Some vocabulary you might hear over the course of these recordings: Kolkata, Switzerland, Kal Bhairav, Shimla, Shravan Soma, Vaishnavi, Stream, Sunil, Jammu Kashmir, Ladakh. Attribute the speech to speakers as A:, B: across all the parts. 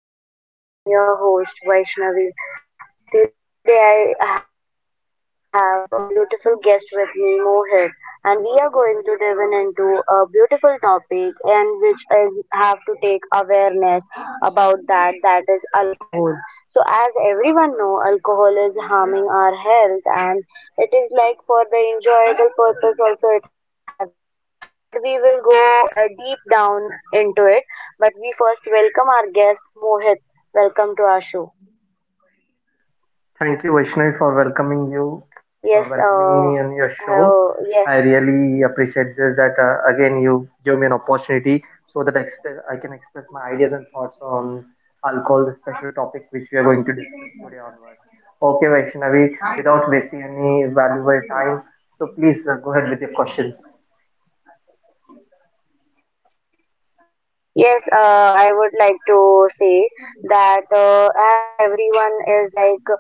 A: Hello everyone, welcome back to my channel. I am your host Vaishnavi. Today I have a beautiful guest with me, Mohit, and we are going to dive in into a beautiful topic and which I have to take awareness about that, that is alcohol. So as everyone know, alcohol is harming our health. It is like for the enjoyable purpose also it has been used, but we will go deep down into it. But we first welcome our guest Mohit. Welcome to our show.
B: Thank you, Vaishnavi, for welcoming you,
A: Yes,
B: welcoming me on your show.
A: hello, yes.
B: I really appreciate this that again you give me an opportunity so that I can express my ideas and thoughts on alcohol, the special topic which we are going to discuss today onwards. Okay, Vaishnavi, without wasting any valuable time, so please go ahead with your questions.
A: Yes, I would like to say that as everyone is like,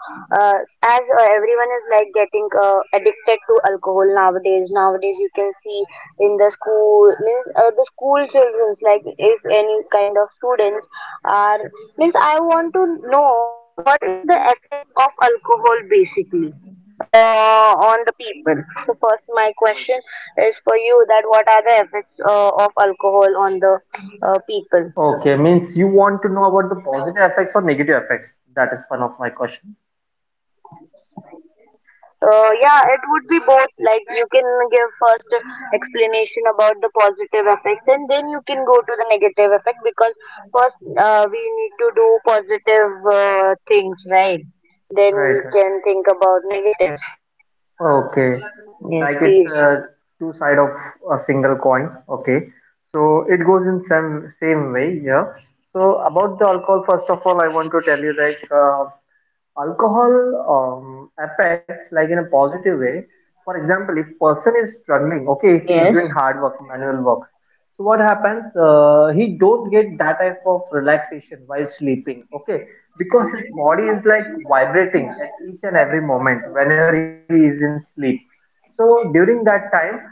A: uh, as everyone is like getting addicted to alcohol nowadays. Nowadays, you can see in the school means the school childrens like if any kind of students are means I want to know what is the effect of alcohol basically on the people. So first, my question is for you: that what are the effects of alcohol on the people?
B: Okay, means you want to know about the positive effects or negative effects? That is one of my questions.
A: Yeah, it would be both. Like you can give first explanation about the positive effects, and then you can go to the negative effect because first we need to do positive things, right? Then we
B: Right, right.
A: can think about negative.
B: Okay,
A: Yes, please.
B: like it's a two side of a single coin. Okay, so it goes in same way. Yeah. So about the alcohol, first of all, I want to tell you like alcohol affects like in a positive way. For example, if person is struggling, okay, if he's doing hard
A: Yes.
B: work, manual works, so what happens, he don't get that type of relaxation while sleeping, okay, because his body is like vibrating at each and every moment whenever he is in sleep. So during that time,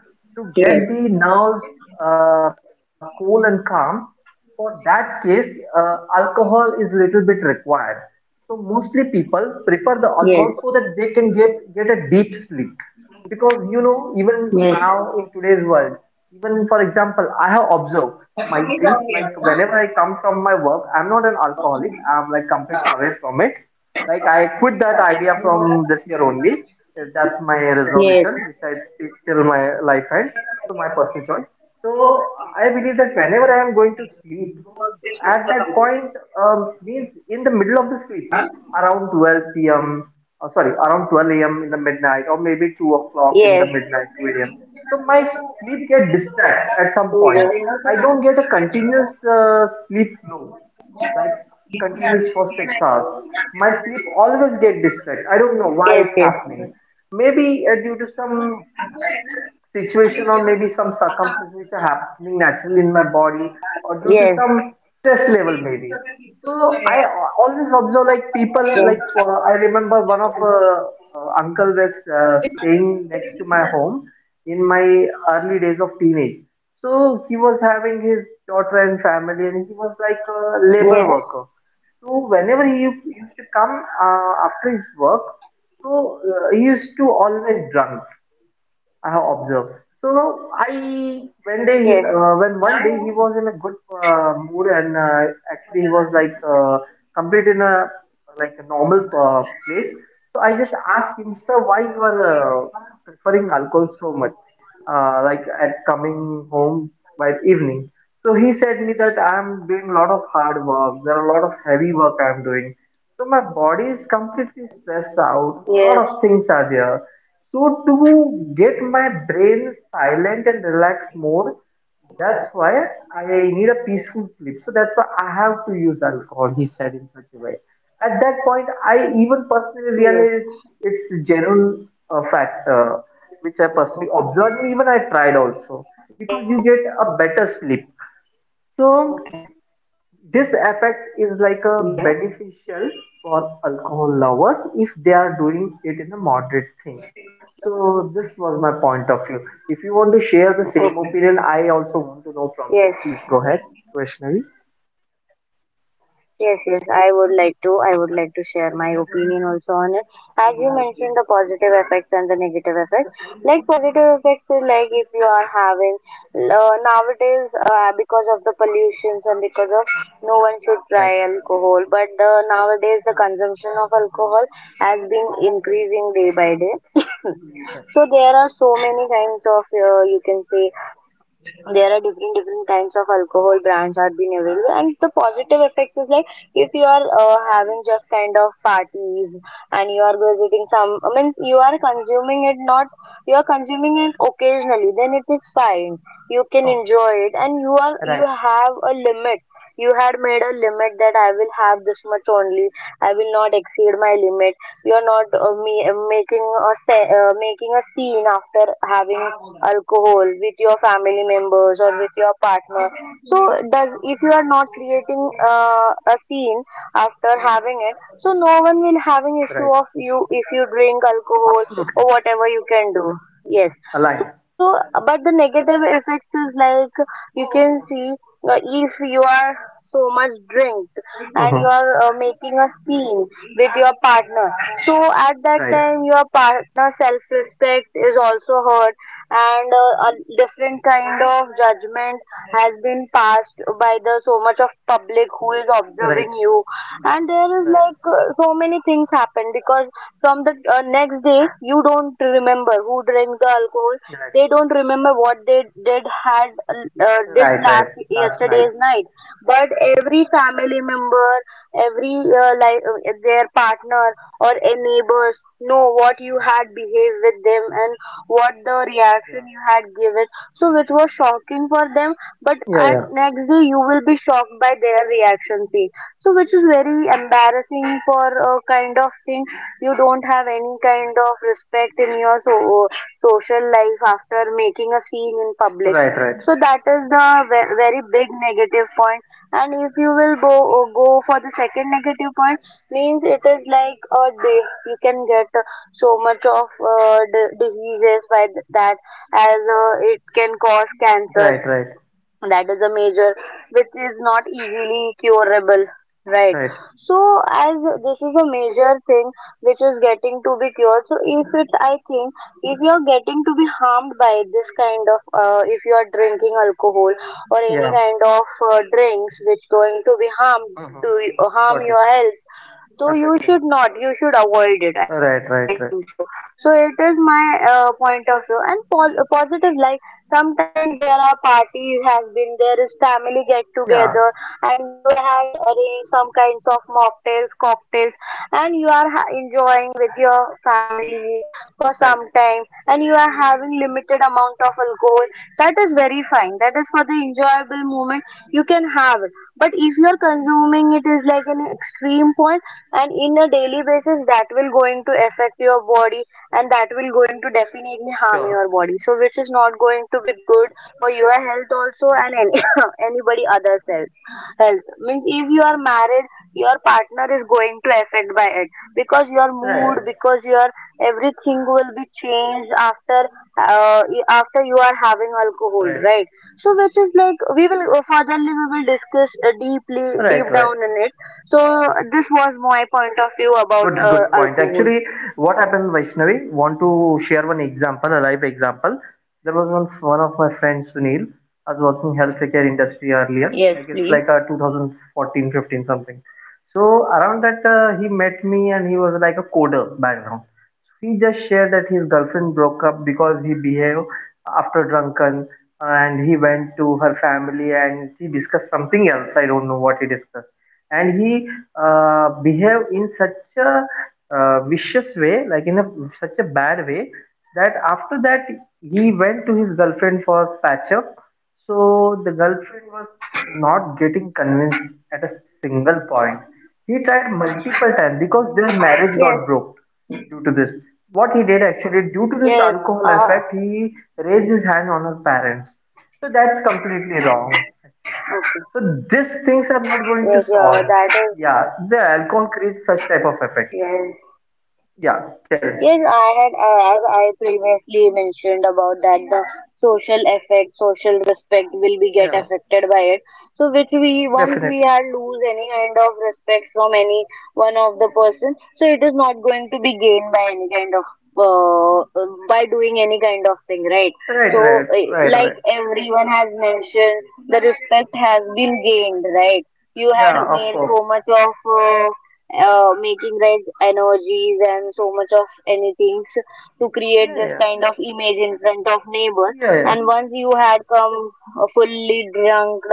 B: to get the
A: Yes.
B: nerves cool and calm, for that case, alcohol is little bit required. So mostly people prefer the alcohol so that they can
A: Yes.
B: get a deep sleep, because you know even now in today's
A: Yes.
B: world, even for example I have observed my drinks, like whenever I come from my work, I'm not an alcoholic, I'm like completely away from it. Like I quit that idea from this year only. That's my resolution which I take
A: Yes.
B: till my life ends. So my personal choice. So I believe that whenever I am going to sleep, so at that point, means in the middle of the sleep, around 12 p.m. Sorry, around 12 a.m. in the midnight, or o'clock in the
A: Yes.
B: midnight, 2 a.m. So my sleep get disturbed at some point. I don't get a continuous sleep flow, like continuous for 6 hours. My sleep always get disturbed. I don't know why it's
A: Yes. Yes.
B: happening. Maybe due to some situation or maybe some circumstances which are happening naturally in my body or due to
A: Yes,
B: some stress level maybe. So I always observe like people, like I remember one of uncle was staying next to my home in my early days of teenage. So he was having his daughter and family, and he was like a labor worker.
A: yes,
B: So whenever he used to come after his work, so he used to always drunk, I have observed. So I
A: yes,
B: when they when one day he was in a good mood, and actually he was like complete in a like a normal place. So I just asked him, sir, why you are uh, preferring alcohol so much? Like at coming home by evening. So he said me that I am doing a lot of hard work. There are a lot of heavy work I am doing. So my body is completely stressed out. A lot
A: yes,
B: of things are there. So to get my brain silent and relaxed more, that's why I need a peaceful sleep. So that's why I have to use alcohol, he said in such a way. At that point, I even personally
A: yes,
B: realized it's genuine fact, which I personally observed, and even I tried also
A: yes.
B: because you get a better sleep.
A: Okay.
B: So this effect is
A: Yes.
B: like a beneficial for alcohol lovers if they are doing it in a moderate thing. So this was my point of view. If you want to
A: Okay.
B: share the same opinion, I also want to know
A: Yes.
B: from you. Please go ahead. Questionary.
A: Yes, yes, I would like to. Share my opinion also on it. As you mentioned, the positive effects and the negative effects. Like positive effects is like if you are having nowadays because of the pollutions and because of no
B: Right.
A: one should try alcohol, but nowadays the consumption of alcohol has been increasing day by day.
B: Yes.
A: So there are so many kinds of, you can say, there are different different kinds of alcohol brands are being available and the positive effect is like if you are having just kind of parties and you are visiting some, I mean you are consuming it not, you are consuming it occasionally, then it is fine.
B: Oh,
A: You can enjoy it and
B: right.
A: you have a limit. You had made a limit that I will have this much only. I will not exceed my limit. We are not me, making a scene after having alcohol with your family members or with your partner. So does if you are not creating a scene after having it, so no one will have
B: Right.
A: an issue of you if you drink alcohol
B: Absolutely.
A: or whatever you can do. Yes.
B: Align.
A: So, but the negative effects is like you can see, if you are so much drink
B: Mm-hmm.
A: and you are making a scene with your
B: Mm-hmm.
A: partner. So at
B: Right.
A: that time, your partner self-respect is also hurt and a different kind of judgment has been passed by the so much of public who is
B: Right.
A: observing you and there is
B: Right.
A: like, so many things happen because from the next day you don't remember who drank the alcohol,
B: Right.
A: they don't remember what they did had
B: Right.
A: did
B: Right.
A: last
B: Last night.
A: yesterday's night. But every family member, every their partner or a neighbors know what you had behaved with them and what the
B: Yeah.
A: reaction you had given, so which was shocking for them, but
B: Yeah.
A: at
B: Yeah.
A: next day you will be shocked by their reaction fee. So which is very embarrassing for a kind of thing. You don't have any kind of respect in your social life after making a scene in public.
B: Right. Right.
A: So that is the very big negative point. And if you will go for the second negative point, means it is like a day you can get so much of diseases by that, as it can cause cancer.
B: Right. Right.
A: That is a major, which is not easily curable, right?
B: Right.
A: So as this is a major thing which is getting to be cured, so if it, I think if you're getting to be harmed by this kind of, if you are drinking alcohol or any
B: Yeah.
A: kind of drinks which going to be harmed to
B: Mm-hmm.
A: harm
B: Got it.
A: your health, so you
B: Affecting.
A: should not, you should avoid it, I think
B: Right,
A: so.
B: right, right.
A: So it is my point of view and positive, like sometimes there are parties has been, there is family get
B: Yeah,
A: together and you had arranged some kinds of mocktails, cocktails and you are enjoying with your families for some
B: right.
A: time and you are having limited amount of alcohol, that is very fine. That is for the enjoyable moment, you can have it. But if you are consuming it is like an extreme point and in a daily basis, that will going to affect your body and that will going to definitely harm
B: Sure.
A: your body, so which is not going to be good for your health also and any, anybody other's health. Health means if you are married, your partner is going to affect by it because your
B: Right,
A: mood,
B: right,
A: because your everything will be changed after uh, you are having alcohol,
B: right,
A: right? So which is like we will discuss deeply deep
B: right,
A: down
B: right.
A: in it. So this was my point of view about
B: Good, good point.
A: alcohol.
B: Actually, what happened, Vaishnavi? Want to share one example, a live example. There was one of my friends, Sunil, was working healthcare industry earlier.
A: Yes,
B: Like it's
A: please.
B: like a 2014, 15 something. So around that, he met me and he was like a coder background. So he just shared that his girlfriend broke up because he behaved after drunken, and he went to her family and she discussed something else. I don't know what he discussed. And he behaved in such a vicious way, like in a such a bad way, that after that he went to his girlfriend for patch up. So the girlfriend was not getting convinced at a single point. He tried multiple times because their marriage got
A: Yes,
B: broke due to this. What he did actually, due to this
A: yes.
B: alcohol
A: Uh,
B: effect, he raised his hand on her parents. So that's completely wrong, actually.
A: okay.
B: So these things are not going to
A: Yes, yeah,
B: solve.
A: that is
B: Yeah, the alcohol creates such type of effect.
A: yes.
B: Yeah, tell me.
A: Yes, I had as I previously mentioned about that the social effect, social
B: Yeah,
A: respect will be get affected by it. So which
B: definitely.
A: we once we are lose any kind of respect from any one of the person, so it is not going to be gained by any kind of by doing any kind of thing, right?
B: Right, right,
A: So
B: right, right.
A: like everyone has mentioned, the respect has been gained, right? You had
B: Yeah, of
A: made
B: course.
A: so much of uh, making red energies and so much of anything to create
B: Yeah,
A: this
B: yeah,
A: kind of image in front of neighbors.
B: yeah, yeah.
A: And once you had
B: Yes.
A: come fully drunk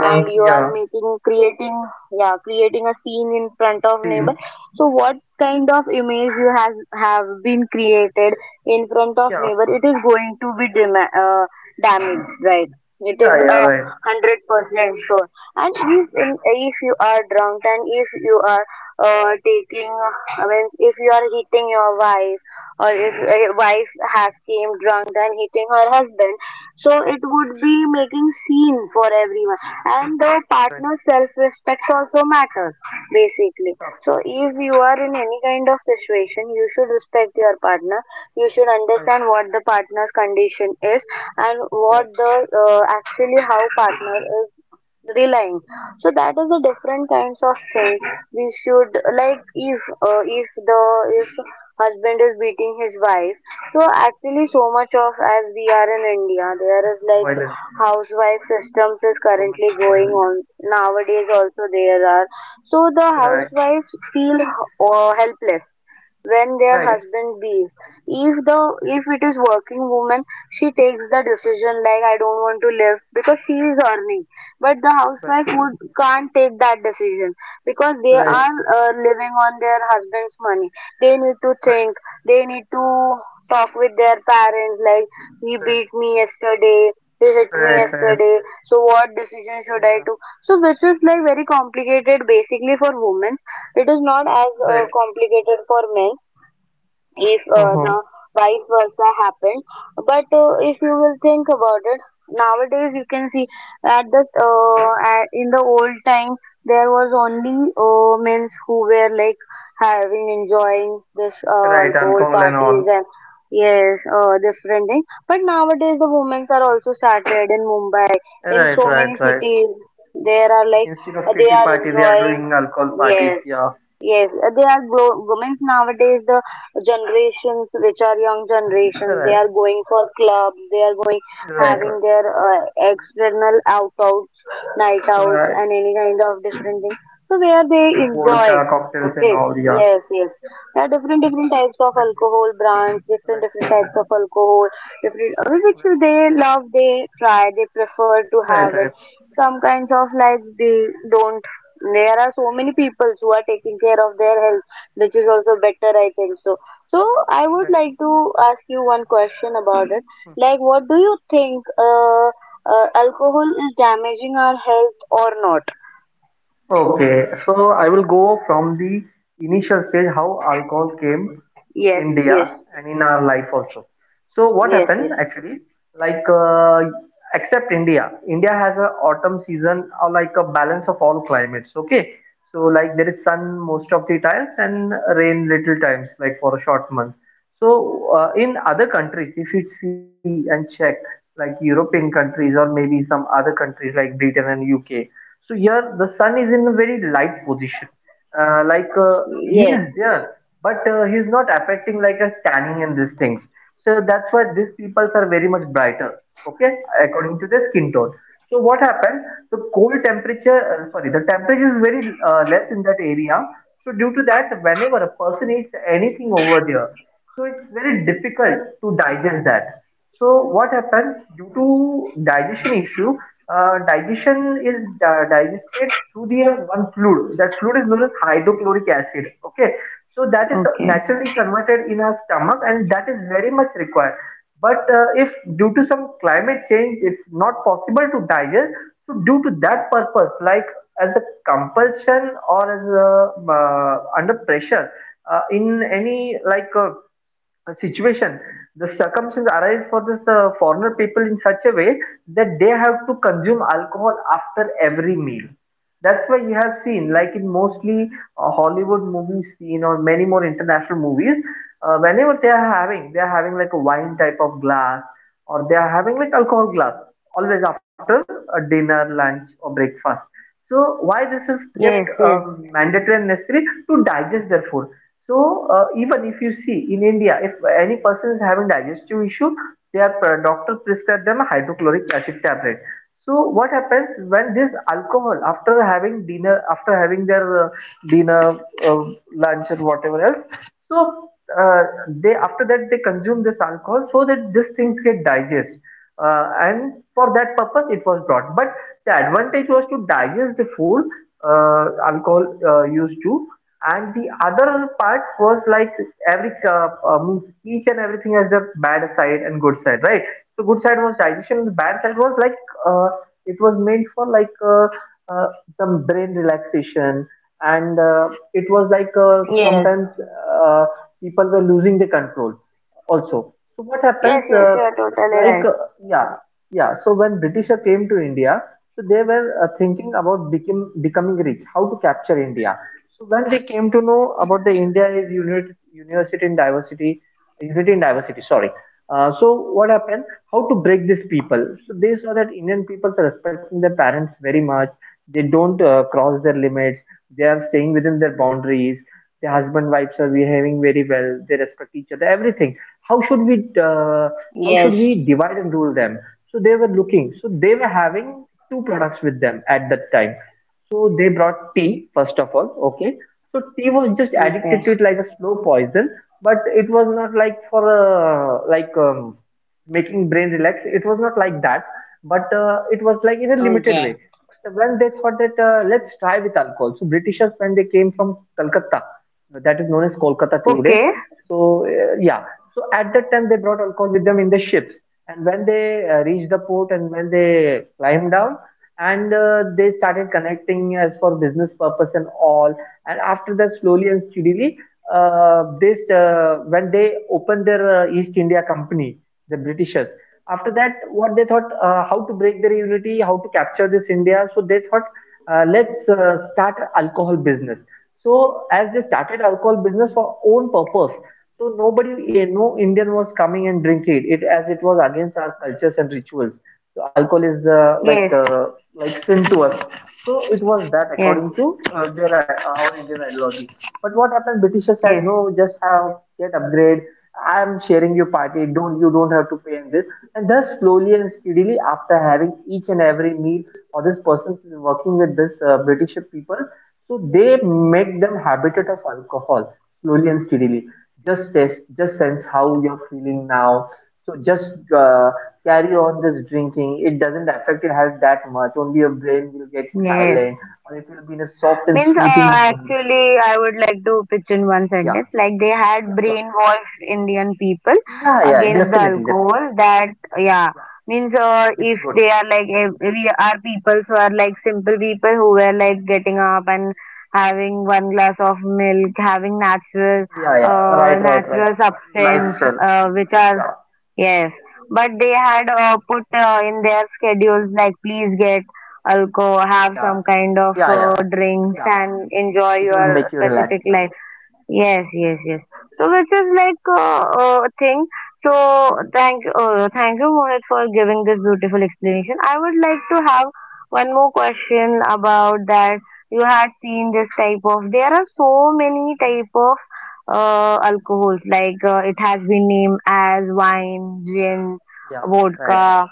A: and you are
B: yeah.
A: making creating, yeah, creating a scene in front of neighbor.
B: Seen.
A: So what kind of image you has have been created in front of
B: Yeah.
A: neighbor? It is going to be damaged, right? It is
B: Yeah,
A: a
B: yeah, right.
A: hundred percent sure. And if you are drunk and if you are taking I mean, if you are hitting your wife, or if a wife has came drunk and hitting her husband, so it would be making scene for everyone and the partner's
B: Right.
A: self-respect also matters basically. So
B: Of course.
A: if you are in any kind of situation, you should respect your partner. You should understand
B: Right.
A: what the partner's condition is and what
B: Right.
A: the, actually, how partner is relying, so that is a different kinds of thing we should. Like if husband is beating his wife, so actually so much of as we are in India,
B: Yeah.
A: there is
B: Sexual
A: like
B: violence, right.
A: housewife systems is currently
B: Domestic
A: going
B: violence.
A: on nowadays also. There are, so the
B: Right.
A: housewives feel helpless when their
B: Right.
A: husband leaves. If the
B: Right.
A: if it is working woman, she takes the decision like I don't want to live because she is earning. But the
B: Right.
A: housewife would can't take that decision because they
B: Right.
A: are living on their husband's money. They need to think. They need to talk with their parents like he
B: Right.
A: beat me yesterday. He hit me
B: Right. Right.
A: yesterday. So what decision should
B: Yeah.
A: I do? So which is like very complicated basically for women, it is not as
B: Right.
A: complicated for men if
B: Uh-huh.
A: the vice versa happened. But if you will think about it, nowadays you can see in the old time there was only men who were like having enjoying this
B: Right. Right.
A: alcohol
B: Alcohol and
A: parties
B: all.
A: and yes, different thing. But nowadays the women's are also started in Mumbai, in
B: Right.
A: so many
B: Right. Right.
A: cities. There are like
B: Instead of
A: they
B: kitty
A: are
B: party, they are
A: enjoying,
B: doing alcohol parties.
A: yes.
B: Yeah.
A: Yes, they are grow women's nowadays. The generations which are young generations, they
B: Right.
A: are going for clubs. They are going having
B: Right.
A: their
B: Right.
A: external outs, night outs,
B: Right.
A: and any kind of different thing. So where they enjoy.
B: Vodka cocktails and
A: Okay.
B: all. Yeah.
A: Yes, yes. There are different different types of
B: Right.
A: alcohol brands, different different types of alcohol, different which they love. They try. They prefer to have
B: Right.
A: it,
B: Right.
A: some kinds of like they don't, there are so many people who are taking care of their health, which is also better, I think so. So I would
B: Right.
A: like to ask you one question about it.
B: Right.
A: Like what do you think, alcohol is damaging our health or not?
B: Okay, so I will go from the initial stage how alcohol came to
A: Yes,
B: India
A: yes,
B: and in our life also. So what
A: yes,
B: happened
A: yes,
B: actually? Like except India, India has a autumn season or like a balance of all climates. Okay, so like there is sun most of the times and rain little times, like for a short month. So in other countries, if you see and check, like European countries or maybe some other countries like Britain and UK. So here the sun is in a very light position, he
A: yes.
B: is there, but he's not affecting like a tanning and these things. So that's why these peoples are very much brighter, okay, according to their skin tone. So what happens? The cold temperature, sorry, the temperature is very less in that area. So due to that, whenever a person eats anything over there, so it's very difficult to digest that. So what happens due to digestion issue? Digestion is digested through the one fluid. That fluid is known as hydrochloric acid. Okay, so that is
A: Okay.
B: naturally converted in our stomach, and that is very much required. But if due to some climate change, it's not possible to digest. So due to that purpose, like as a compulsion or as a under pressure in any like. Situation, the circumstances arise for this foreigner people in such a way that they have to consume alcohol after every meal. That's why you have seen like in mostly Hollywood movies scene or many more international movies, whenever they are having like a wine type of glass, or they are having like alcohol glass, always after a dinner, lunch or breakfast. So why this is kept
A: Yes, yes,
B: mandatory and necessary to digest their food? So even if you see in India, if any person is having digestive issue, their pr- doctor prescribe them a hydrochloric acid tablet. So what happens when this alcohol after having dinner, after having their dinner, uh, lunch or whatever else, so uh, they after that they consume this alcohol so that these things get digest. And for that purpose it was brought. But the advantage was to digest the food. Alcohol used to and the other part was like every means each and everything has the bad side and good side, right? So good side was digestion, the bad side was like uh, it was meant for like uh, some brain relaxation, and it was like
A: yes,
B: sometimes uh, people were losing the control also. So what
A: yes,
B: happens,
A: yes, you are totally
B: like
A: right.
B: uh, yeah, yeah, so when Britisher came to India, so they were thinking about becoming rich, how to capture India. So when they came to know about the India is unit, university in diversity, unity in diversity, sorry. So what happened? How to break these people? So they saw that Indian people are respecting their parents very much. They don't cross their limits. They are staying within their boundaries. The husband wives are behaving very well. They respect each other. Everything. How should we? How should
A: Yes.
B: we divide and rule them? So they were looking. So they were having two products with them at that time. So they brought tea, first of all, okay. So tea was just
A: Okay.
B: addicted to it like a slow poison, but it was not like for making brain relax. It was not like that, but it was like in a limited
A: Okay.
B: way. But when they thought that let's try with alcohol, so Britishers when they came from Calcutta, that is known as Kolkata today.
A: Okay.
B: So uh, yeah, so at that time they brought alcohol with them in the ships, and when they reached the port and when they climbed down, and they started connecting as for business purpose and all, and after that slowly and steadily, this when they opened their East India Company, the Britishers. After that what they thought, how to break their unity, how to capture this India? So they thought, let's start alcohol business. So as they started alcohol business for own purpose, so nobody, no Indian was coming and drinking it, as it was against our cultures and rituals. So alcohol is
A: Yes,
B: like sin to us. So it was that
A: yes,
B: according to their our Indian ideology. But what happened? Britishers said
A: yes,
B: no, just have get upgrade. I am sharing your party. Don't you don't have to pay in this. And thus slowly and steadily, after having each and every meal, or this person is working with this British people, so they make them habited of alcohol slowly and steadily. Just taste, just sense how you're feeling now. So just uh, carry on this drinking, it doesn't affect your health that much. Only your brain will get
A: yes.
B: silent, or it will be in a soft and
A: Means,
B: soothing mood.
A: actually, I would like to pitch in one
B: Yeah,
A: sentence. Like they had
B: sure.
A: brainwashed Indian people
B: Yeah, yeah,
A: against the
B: definitely.
A: alcohol. That. Yeah,
B: Yeah,
A: means
B: it's
A: if
B: good.
A: they are like if we are people who are like simple people who were like getting up and having one glass of milk, having natural
B: Yeah, yeah,
A: uh,
B: right, right, right.
A: natural
B: Life
A: substance
B: well.
A: which are
B: Yeah,
A: Yes, but they had put in their schedules like please get alcohol, have
B: yeah,
A: some kind of
B: yeah, yeah,
A: drinks,
B: yeah.
A: and enjoy
B: It will make
A: your
B: you relax.
A: specific
B: Yeah,
A: life. Yes, yes, yes. So which is like thing. So thank you Mohit for giving this beautiful explanation. I would like to have one more question about that. You had seen this type of. There are so many type of alcohols like it has been named as wine, gin,
B: yeah, right, right.
A: vodka,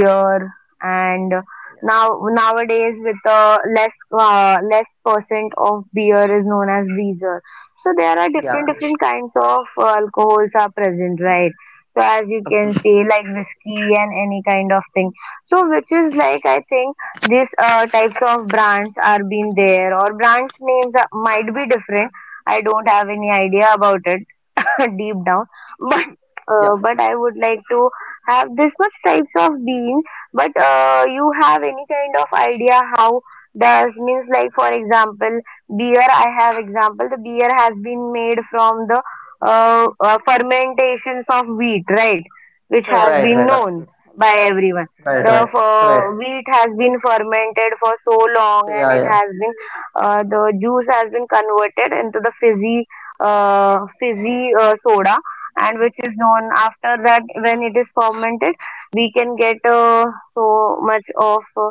B: Yeah,
A: and
B: yeah,
A: now nowadays with less percent of beer is known as beer, so there are
B: yeah,
A: different
B: correct.
A: different kinds of alcohols are present, right? So as you can
B: Absolutely.
A: see, like whiskey and any kind of thing, so which is like I think these types of brands are being there, or brands names are, might be different. I don't have any
B: Yeah,
A: idea about it deep down, but
B: yeah.
A: but I would like to have this much types of bean, but you have any kind of idea how does means like for example beer I have example the beer has been made from the fermentations of wheat, right? Which has
B: Right,
A: been
B: right,
A: known
B: absolutely.
A: by everyone.
B: Right,
A: The
B: right, right.
A: wheat has been fermented for so long
B: Yeah,
A: and it
B: yeah,
A: has been the juice has been converted into the fizzy soda, and which is
B: yeah,
A: known after that when it is fermented we can get so much of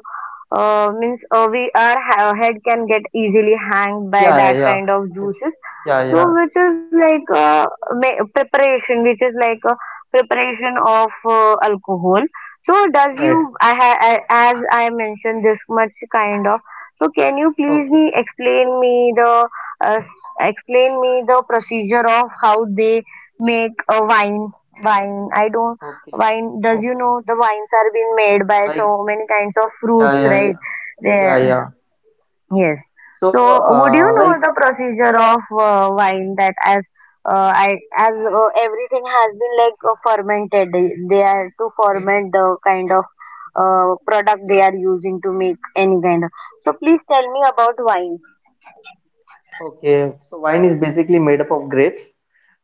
A: means we our head can get easily hanged by
B: yeah,
A: that
B: yeah.
A: kind of
B: It's-
A: juices.
B: Yeah,
A: So,
B: yeah,
A: which is like preparation, which is like a preparation of alcohol. So, does
B: right.
A: you, as I mentioned, this much kind of. So, can you please
B: Okay.
A: me uh, explain me the procedure of how they make a wine? Wine. I don't
B: Okay,
A: wine. Does you know
B: okay.
A: the wines are being made by
B: Like,
A: so many kinds of
B: yeah,
A: fruits,
B: yeah, yeah,
A: right?
B: yeah, yeah.
A: Yes.
B: So,
A: So, would you
B: uh,
A: know
B: like,
A: the procedure of wine that as I as everything has been like fermented, they are to ferment the kind of product they
B: yeah,
A: are using to make any kind of. So, please tell me about wine.
B: okay. So, wine is basically made up of grapes,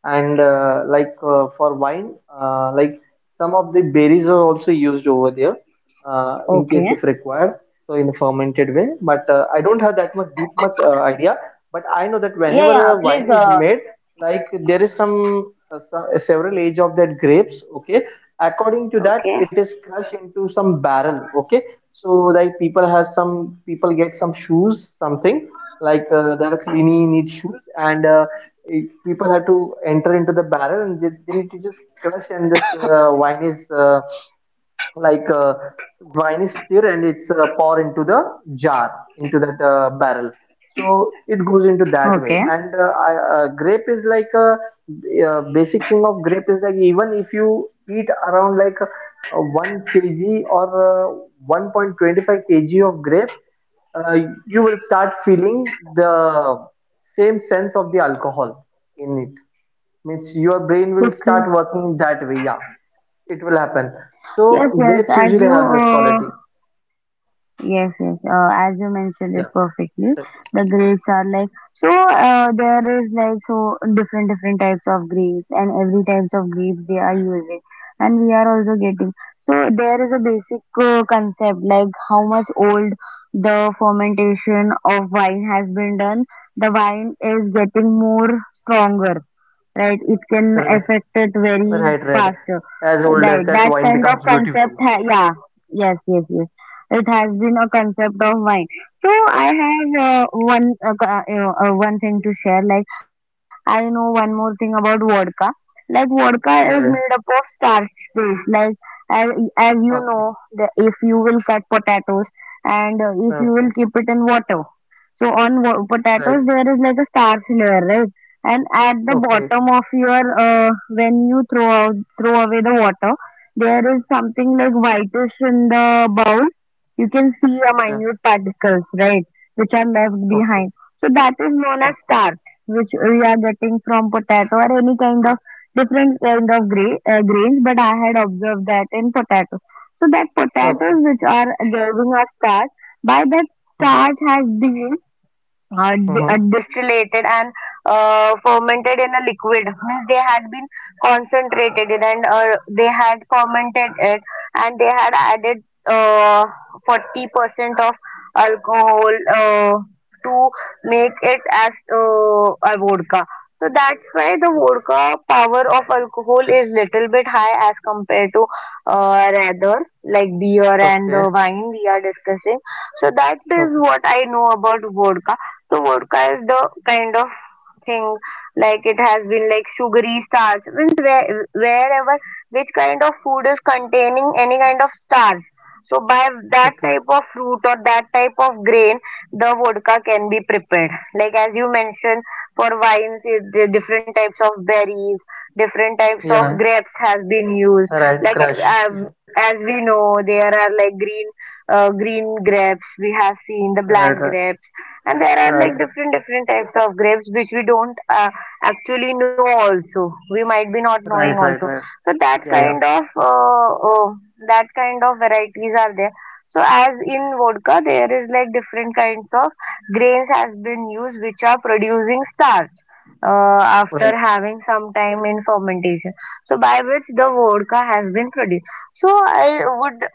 B: and for wine, some of the berries are also used over there in case
A: Okay.
B: if required, so in a fermented way. But I don't have that much deep much idea, but I know that
A: Yeah,
B: whenever
A: yeah,
B: a wine
A: please.
B: is made, like there is some several age of that grapes, okay. According to that
A: Okay.
B: it is crushed into some barrel, okay. So like people has, some people get some shoes something, like there are cleaning need shoes, and people have to enter into the barrel and just, they need to just crush. And this uh, wine is uh, like uh, wine is stir and it's pour into the jar, into that barrel. So it goes into that way.
A: Okay.
B: And grape is like a, basic thing of grape is like, even if you eat around like 1 kg or 1.25 kg of grape, uh, you will start feeling the same sense of the alcohol in it. Means your brain will start
A: Okay.
B: working that way, yeah, it will happen.
A: Yes,
B: So
A: yes.
B: grapes
A: As
B: usually have
A: you
B: this quality.
A: Yes, yes. As you
B: Yeah,
A: mentioned it perfectly, the grades are like so. There is like so different different types of grades, and every types of grades they are using, and we are also getting. So there is a basic concept like how much old the fermentation of wine has been done. The wine is getting more stronger, right? It can
B: right,
A: affect it very
B: right, right.
A: fast,
B: As old as
A: right?
B: that
A: That
B: wine
A: kind of
B: becomes
A: concept
B: beautiful.
A: yeah. Yes, yes, yes. It has been a concept of mine. So I have one you know, one thing to share like I know one more thing about vodka, like vodka is
B: Yeah,
A: made
B: yeah.
A: up of starch base like as, as you know
B: Okay.
A: the, if you will cut potatoes and if you will
B: Okay,
A: keep it in water, so on potatoes
B: right.
A: there is like a starch layer, right? And at the
B: Okay.
A: bottom of your when you throw away the water there is something like whitish in the bowl. You can see a
B: Yeah.
A: minute particles, right? Which are left
B: Okay.
A: behind, so that is known as starch, which we are getting from potato or any kind of different kind of grains, but I had observed that in potato. So that potatoes
B: Okay. Okay.
A: which are giving us starch, by that
B: Mm-hmm.
A: starch has been
B: Mm-hmm.
A: distillated and fermented in a liquid. Means they had been concentrated it and they had fermented it and they had added uh, 40% of alcohol to make it as a vodka. So that's why the vodka power of alcohol is little bit high as compared to rather like beer and the
B: Okay.
A: wine we are discussing. So that is
B: Okay.
A: what I know about vodka. So vodka is the kind of thing like it has been like sugary starch means where, wherever which kind of food is containing any kind of starch. So by that
B: Okay.
A: type of fruit or that type of grain, the vodka can be prepared. Like as you mentioned, for wines, it, the different types of berries, different types of
B: Yeah,
A: grapes has been used.
B: right,
A: Like
B: crushed, yeah.
A: as we know, there are like green grapes. We have seen the black
B: Right, right,
A: grapes, and there are like
B: right.
A: different different types of grapes which we don't actually know, also we might be not knowing
B: Right,
A: also,
B: right, right.
A: so
B: Yeah, yeah.
A: uh, uh, that kind of varieties are there. So as in vodka there is like different kinds of grains has been used which are producing starch after
B: Right.
A: having some time in fermentation, so by which the vodka has been produced. So I would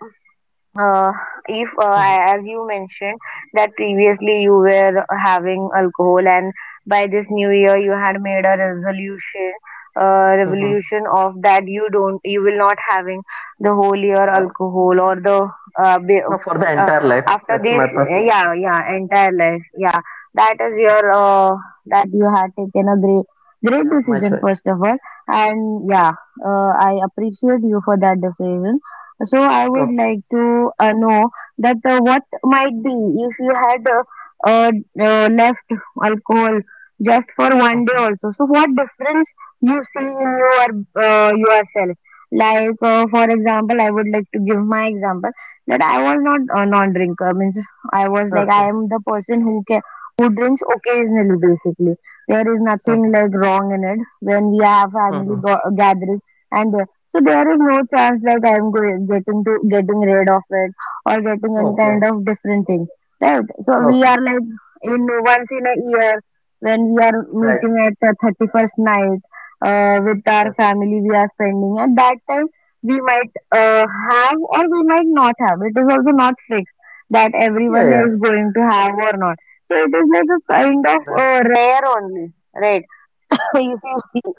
A: uh, if I- as
B: Mm-hmm.
A: you mentioned that previously you were having alcohol and by this new year you had made a resolution
B: Yeah. Mm-hmm.
A: revolution of that you don't you will not having the whole year
B: Yeah.
A: alcohol or the uh, be-
B: Now for the
A: uh,
B: entire life,
A: after
B: that's
A: this
B: my personal.
A: yeah yeah entire life, yeah. That is your
B: Mhm.
A: that you had taken a great
B: Yeah, my
A: decision
B: choice.
A: first of all, and yeah, I appreciate you for that decision. So I would
B: Okay.
A: like to know that what might be if you had uh, left alcohol just for one day
B: Mhm.
A: also. So what difference you see in your yourself? Like for example, I would like to give my example that I was not a non-drinker. Means I was like I
B: Okay.
A: am the person who can who drinks occasionally. Basically, there is nothing
B: Mhm.
A: like wrong in it when we have family
B: Mhm.
A: gathering, and so there is no chance that I'm going getting to getting rid of it or getting any kind
B: Okay.
A: of different thing, right? So we
B: Okay.
A: are like in once in a year when we are
B: Right.
A: meeting at the 31st night with our
B: Yes.
A: family, we are spending at that time we might have or we might not have. It is also not fixed
B: Yeah.
A: that
B: Yeah.
A: everyone is going to have or not. So it is like a kind
B: Right.
A: of rare only, right? So you see,
B: Right.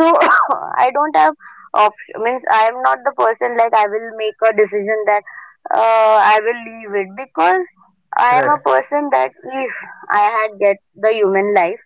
A: so I don't have option means I am not the person like I will make a decision that I will leave it, because I am
B: Right.
A: a person that if I had get the human life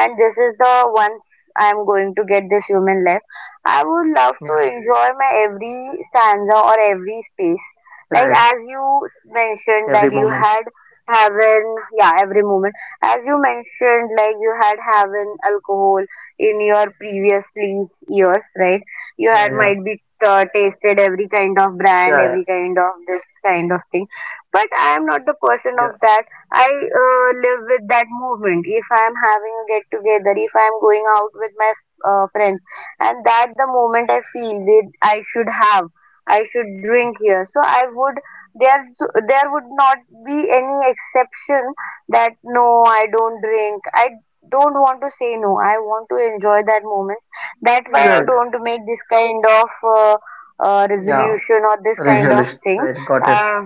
A: and this is the once I'm going to get this human life. I would love to
B: Yeah.
A: enjoy my every stanza or every space. Like
B: Right.
A: as you mentioned that
B: Every
A: you
B: moment.
A: had heaven, yeah, every moment. As you mentioned, like you had heaven alcohol in your previously years, right? You
B: Yeah.
A: had
B: Yeah.
A: might be tasted every kind of brand,
B: Yeah. Yeah.
A: every kind of this kind of thing. But I am not the
B: Yeah.
A: person of that I live with that movement. If I'm having a get together, if I'm going out with my friends, and that the moment I feel that I should have, I should drink here. So I would, there so, there would not be any exception that no, I don't drink. I don't want to say no. I want to enjoy that moment. That's
B: Yeah,
A: why I
B: right.
A: don't make this kind of
B: Yeah.
A: resolution or this kind of
B: Resolution.
A: thing.
B: Right. Got it.
A: Uh,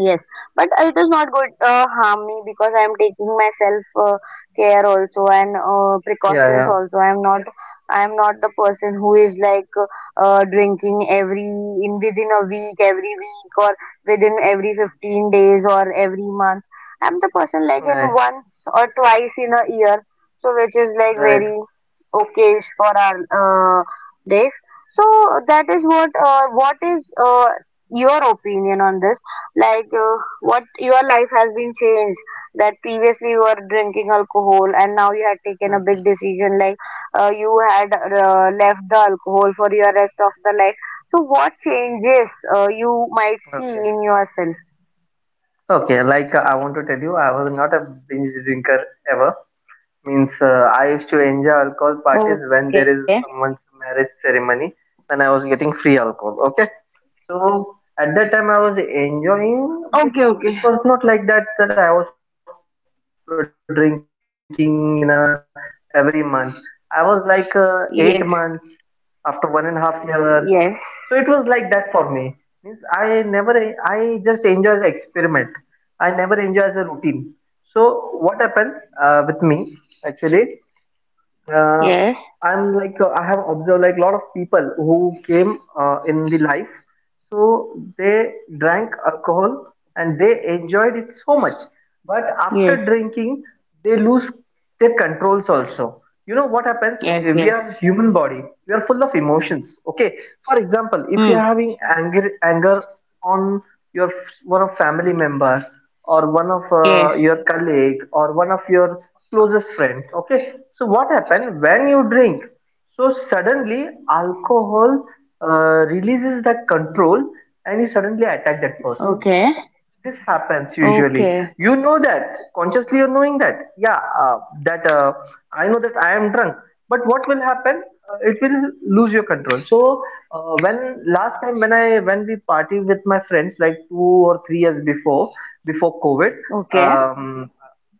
A: Yes, but it is not good harm me, because I am taking myself care also and
B: Yeah.
A: precautions
B: Yeah.
A: also. I am not the person who is like drinking every in within a week, every week or within every 15 days or every month. I am the person like in
B: Right.
A: once or twice in a year, so which is like
B: Right.
A: very okay for our days. So that is what is your opinion on this? Like what your life has been changed, that previously you were drinking alcohol and now you had taken a
B: Okay.
A: big decision like you had left the alcohol for your rest of the life, so what changes you might see
B: Okay.
A: in yourself.
B: Okay. Like I want to tell you, I was not a binge drinker ever. Means I used to enjoy alcohol
A: Okay.
B: parties when there is someone's marriage ceremony and I was getting free alcohol. Okay. So at that
A: Okay,
B: time I was
A: okay.
B: enjoying. It was not like that that I was drinking in a every month. I was like 8 months
A: Yes,
B: after one and a half year. So it
A: yes.
B: was like that for me. Means I never I just enjoy the experiment. I never enjoy the routine. So what happened with me actually? uh, I'm
A: Yes.
B: like, I have observed like a lot of people who came in the life, so they drank alcohol and they enjoyed it so much. But after
A: Yes,
B: drinking, they lose their controls also. You know what happens? We
A: yes,
B: are
A: yes.
B: human body. We are full of emotions. Okay. For example, if you are
A: Hmm.
B: having anger on your one of family member or one of
A: Yes.
B: your colleague or one of your closest friend, okay. So what happens when you drink? So suddenly alcohol releases that control and you suddenly attack that person.
A: Okay.
B: This happens usually.
A: Okay,
B: You know that, consciously you're knowing that, yeah, that I know that I am drunk, but what will happen? It will lose your control. So when last time, when we party with my friends like 2 or 3 years before, before COVID.
A: okay.
B: um,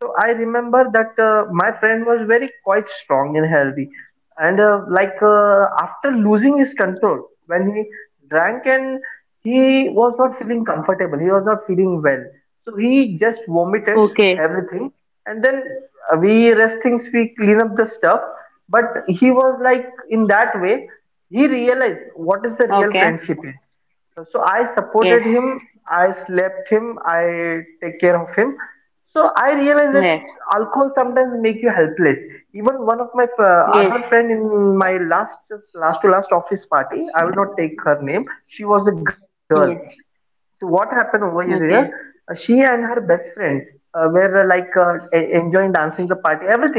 B: so I remember that my friend was very quite strong and healthy, and after losing his control, when he drank and he was not feeling comfortable, he was not feeling well, so he just vomited
A: Okay.
B: everything, and then we rest things, we clean up the stuff. But he was like in that way, he realized what is the real
A: Okay.
B: friendship is. So I
A: Yes.
B: supported him, I slept him, I take care of him. So I realized that
A: Yes,
B: alcohol sometimes make you helpless. Even one of my
A: yes.
B: other friend in my last to last office party, I will not take her name, she was a girl.
A: yes
B: So what happened over here?
A: Okay.
B: She and her best friend enjoying dancing the party, everything.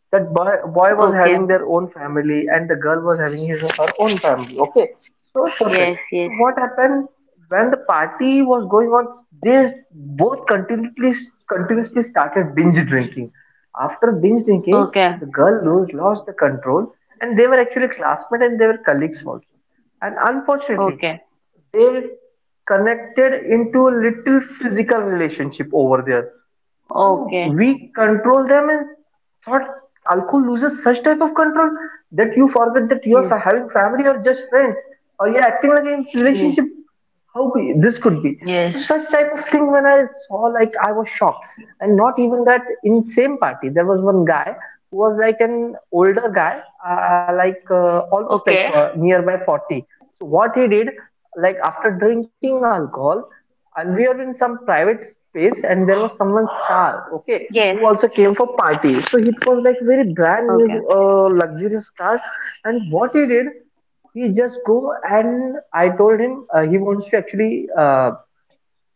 B: That boy was having
A: Okay.
B: their own family, and the girl was having his her own family. Okay, so perfect.
A: Yes.
B: So so
A: Yes.
B: what happened when the party was going on? They both continuously started binge drinking. After binge drinking,
A: Okay.
B: the lost the control, and they were actually classmates and they were colleagues also. And unfortunately,
A: Okay.
B: they connected into little physical relationship over there. So
A: Okay.
B: we control them and thought alcohol loses such type of control that you forget that you are
A: Yes.
B: having family or just friends, or you're acting like in
A: Yes.
B: relationship. How be, this could be. So such type of thing when I saw, like I was shocked. And not even that, in same party there was one guy who was like an older guy, almost like nearby 40. So what he did, like after drinking alcohol, and we are in some private space, and there was someone's car, okay,
A: Yes.
B: who also came for party. So it was like very brand
A: Okay.
B: new luxurious car. And what he did, he just go, and I told him, he wants to actually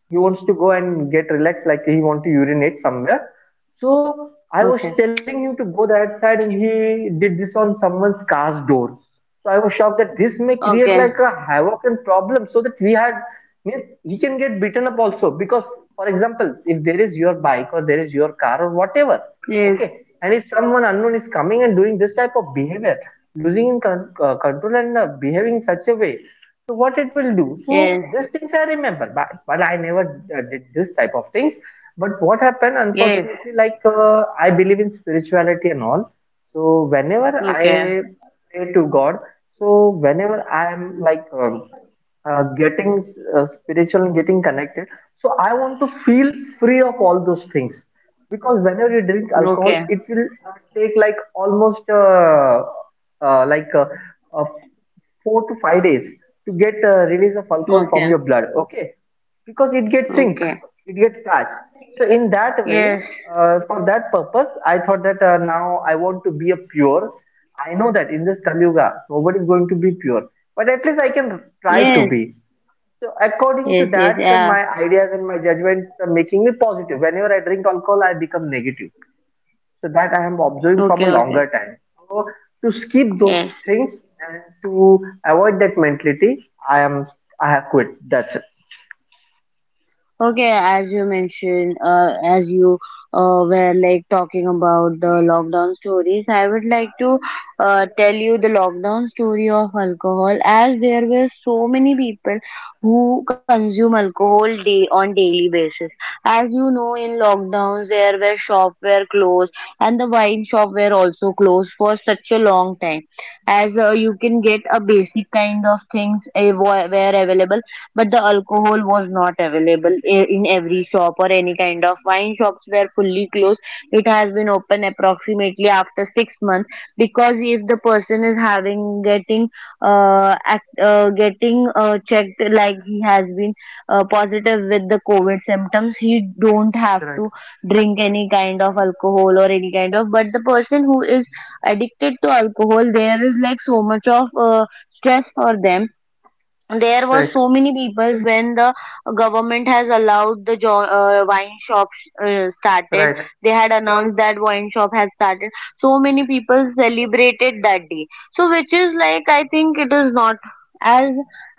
B: he wants to go and get relaxed, like he wants to urinate somewhere. So I was
A: Okay.
B: telling him to go that side, and he did this on someone's car's door. So I was shocked that this may create
A: Okay.
B: like a havoc and problem, so that we had. Means he can get beaten up also, because for example, if there is your bike or there is your car or whatever,
A: Yes.
B: okay, and if someone unknown is coming and doing this type of behavior, losing in control and behaving in such a way, so what it will do?
A: Yes.
B: So these things I remember, but, I never did this type of things. But what happened,
A: Yes.
B: unfortunately, like I believe in spirituality and all. So whenever
A: Okay.
B: I pray to God, so whenever I am like getting spiritual and getting connected, so I want to feel free of all those things. Because whenever you drink alcohol,
A: Okay.
B: it will take like almost uh, like uh, uh, 4 to 5 days to get release of alcohol from
A: Okay.
B: your blood, okay. Because it gets sink,
A: Okay.
B: it gets starch. So in that way,
A: Yes.
B: for that purpose I thought that now I want to be a pure. I know that in this Kalyuga nobody is going to be pure, but at least I can try to
A: Yes.
B: be. So according to
A: Yes. Yes.
B: that,
A: Yeah.
B: my ideas and my judgment are making me positive. Whenever I drink alcohol I become negative. So that I am observing from
A: Okay.
B: a
A: Okay.
B: longer time. So to skip those
A: Yes.
B: things and to avoid that mentality, I have quit. That's it.
A: Okay, as you mentioned, as you were like talking about the lockdown stories, I would like to tell you the lockdown story of alcohol, as there were so many people who consume alcohol day on daily basis. As you know, in lockdowns there were shops were closed, and the wine shop were also closed for such a long time, as you can get a basic kind of things, were available, but the alcohol was not available in every shop, or any kind of wine shops were fully closed. It has been open approximately after 6 months, because if the person is having getting getting checked, like he has been positive with the covid symptoms, he don't have to
B: Right,
A: drink any kind of alcohol or any kind of, but the person who is addicted to alcohol, there is like so much of stress for them. There were
B: right,
A: so many people when the government has allowed the wine shops started,
B: right.
A: they had announced that wine shop has started, so many people celebrated that day, so which is like I think it is not, as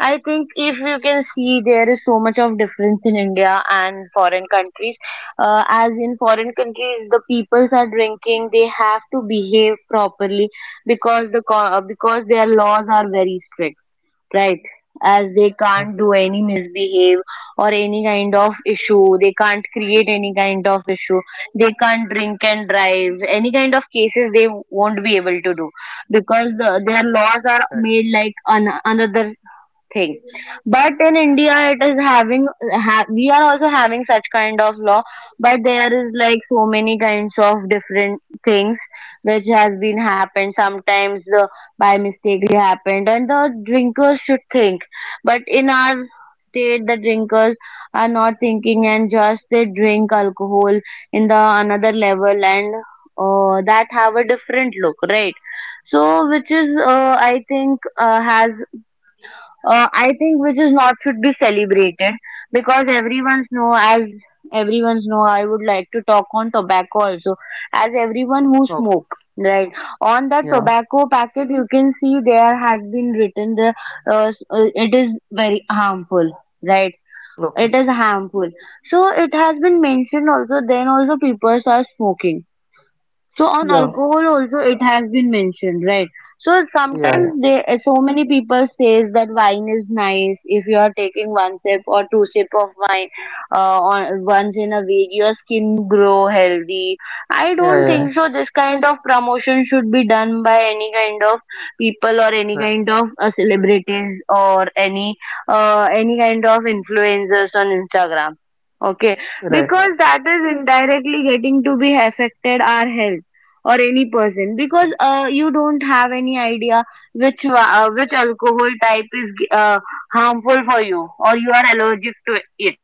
A: I think, if you can see, there is so much of difference in India and foreign countries. As in foreign countries the peoples are drinking, they have to behave properly, because the because their laws are very strict, right? As they can't
B: Mm.
A: do any misbehave, or any kind of
B: Yes.
A: issue, they can't create any kind of issue, they can't drink and drive, any kind of cases they won't be able to do, because their laws are
B: Right.
A: made like another thing. But in India it is having we are also having such kind of law, but there is like so many kinds of different things which has been happened sometimes, by mistakenly happened, and the drinkers should think, but in our state the drinkers are not thinking, and just they drink alcohol in the another level, and that have a different look, right? So which is I think has I think which is not should be celebrated, because everyone's know, as everyone's know, I would like to talk on tobacco also, as everyone who smoke,
B: Okay.
A: right? On the
B: Yeah.
A: tobacco packet you can see there had been written the it is very harmful, right? It
B: Okay.
A: is harmful. So it has been mentioned, also then also people are smoking, so on
B: Yeah.
A: alcohol also it has been mentioned, right? So
B: Yeah.
A: sometimes
B: Yeah.
A: they, so many people says that wine is nice, if you are taking one sip or two sip of wine once in a week your skin grow healthy. I
B: Yeah.
A: don't think
B: Yeah.
A: so this kind of promotion should be done by any kind of people, or any
B: Right.
A: kind of celebrities, or any any kind of influencers on Instagram. Okay,
B: Right.
A: because
B: Right.
A: that is indirectly getting to be affected our health, or any person, because you don't have any idea which alcohol type is harmful for you, or you are allergic to it,